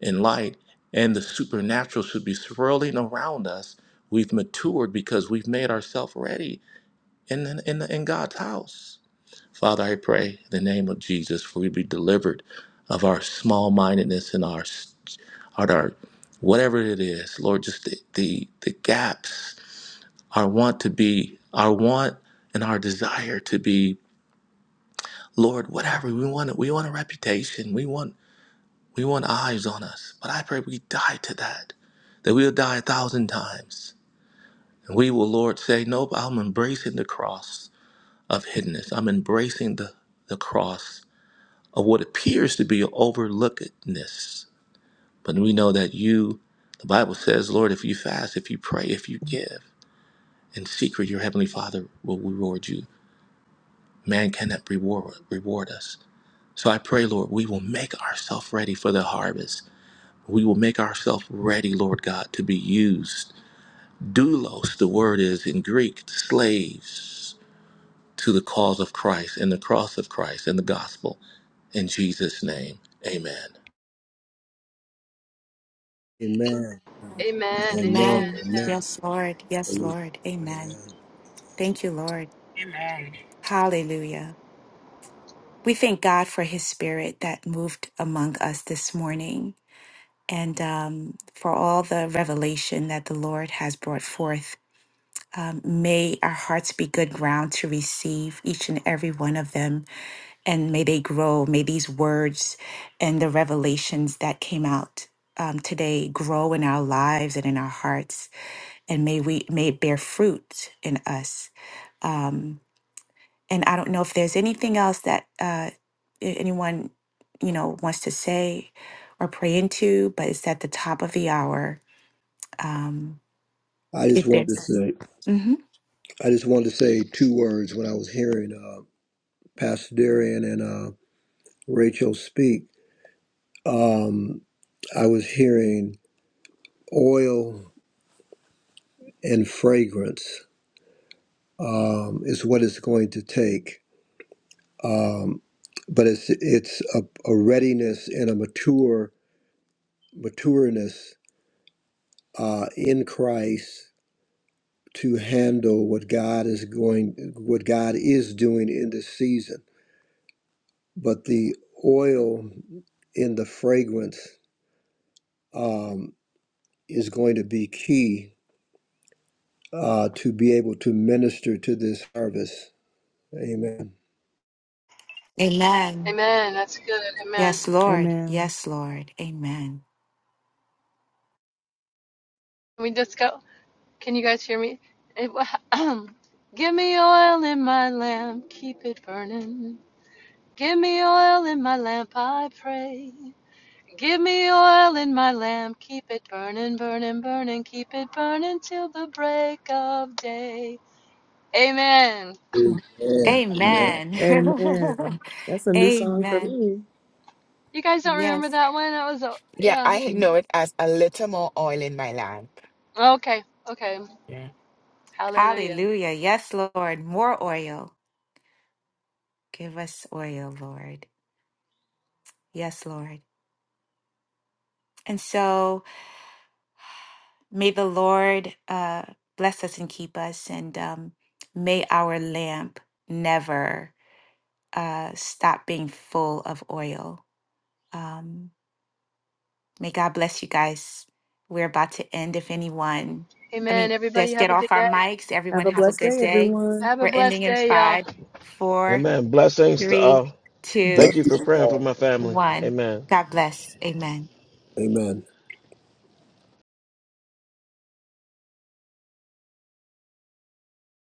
Speaker 8: and light, and the supernatural should be swirling around us. We've matured because we've made ourselves ready in, the- in, the- in God's house. Father, I pray in the name of Jesus for we be delivered of our small mindedness and our, our, our whatever it is, Lord, just the, the, the gaps, our want to be, our want and our desire to be, Lord, whatever we want, we want a reputation. We want We want eyes on us, but I pray we die to that, that we'll die a thousand times. And we will, Lord, say, Nope, I'm embracing the cross of hiddenness. I'm embracing the, the cross of what appears to be overlookedness. But we know that you, the Bible says, Lord, if you fast, if you pray, if you give in secret, your Heavenly Father will reward you. Man cannot reward, reward us. So I pray, Lord, we will make ourselves ready for the harvest We will make ourselves ready, Lord God, to be used. Doulos, the word is in Greek, slaves to the cause of Christ and the cross of Christ and the gospel. In Jesus' name, amen.
Speaker 5: Amen.
Speaker 2: Amen. Amen.
Speaker 5: Amen.
Speaker 1: Amen.
Speaker 2: Amen.
Speaker 5: Amen.
Speaker 1: Yes, Lord. Yes,
Speaker 5: Hallelujah.
Speaker 1: Lord.
Speaker 5: Glory to
Speaker 1: Amen.
Speaker 5: God.
Speaker 1: Thank you, Lord.
Speaker 7: Amen.
Speaker 1: Hallelujah. We thank God for his spirit that moved among us this morning and um, for all the revelation that the Lord has brought forth. Um, may our hearts be good ground to receive each and every one of them, and may they grow. May these words and the revelations that came out um, today grow in our lives and in our hearts and may we may it bear fruit in us. Um, and I don't know if there's anything else that uh, a- anyone you know wants to say or pray into, but it's at the top of the hour. Um,
Speaker 5: I just
Speaker 1: if
Speaker 5: wanted to
Speaker 1: there's,
Speaker 5: say
Speaker 1: hmm
Speaker 5: I just wanted to say two words when I was hearing uh, Pastor Darian and uh, Rachel speak. Um, I was hearing oil and fragrance um, is what it's going to take um, but it's it's a, a readiness and a mature matureness uh, in Christ to handle what God is going what God is doing in this season. But the oil in the fragrance um, is going to be key uh, to be able to minister to this harvest. Amen.
Speaker 2: Amen. That's good. Amen. Can
Speaker 3: Amen.
Speaker 2: we just go? Can you guys hear me? It- Give me oil in my lamp, keep it burning. Give me oil in my lamp, I pray. Give me oil in my lamp, keep it burning, burning, burning, keep it burning till the break of day. Amen.
Speaker 5: Amen.
Speaker 1: Amen,
Speaker 3: Amen. That's a new song for
Speaker 1: Amen.
Speaker 3: me.
Speaker 2: You guys don't remember
Speaker 1: Yes,
Speaker 2: that one? That was, a,
Speaker 7: Yeah,
Speaker 2: yeah.
Speaker 7: I
Speaker 1: Mm.
Speaker 7: know it as a little more oil in my lamp.
Speaker 2: Okay, okay. Hallelujah.
Speaker 1: Hallelujah. Yes, Lord. More oil. Give us oil, Lord. Yes, Lord. And so. May the Lord uh, bless us and keep us, and um, may our lamp never uh, stop being full of oil. Um, may God bless you guys. We're about to end. If anyone, I
Speaker 2: Amen.
Speaker 1: mean,
Speaker 2: Everybody
Speaker 1: let's get
Speaker 2: have a
Speaker 1: off
Speaker 2: good
Speaker 1: our
Speaker 2: day.
Speaker 1: mics.
Speaker 3: Have
Speaker 1: Everyone,
Speaker 3: a
Speaker 1: have a
Speaker 3: blessed
Speaker 1: good
Speaker 3: day,
Speaker 1: day.
Speaker 3: everyone.
Speaker 2: Have a
Speaker 1: We're ending
Speaker 2: blessed
Speaker 1: in
Speaker 2: day, y'all.
Speaker 1: five, four,
Speaker 4: Amen. Blessings to
Speaker 1: three,
Speaker 4: all. Thank
Speaker 1: two,
Speaker 4: you for
Speaker 5: Bless-
Speaker 4: praying for my family.
Speaker 1: one.
Speaker 4: Amen.
Speaker 1: God bless. Amen.
Speaker 5: Amen.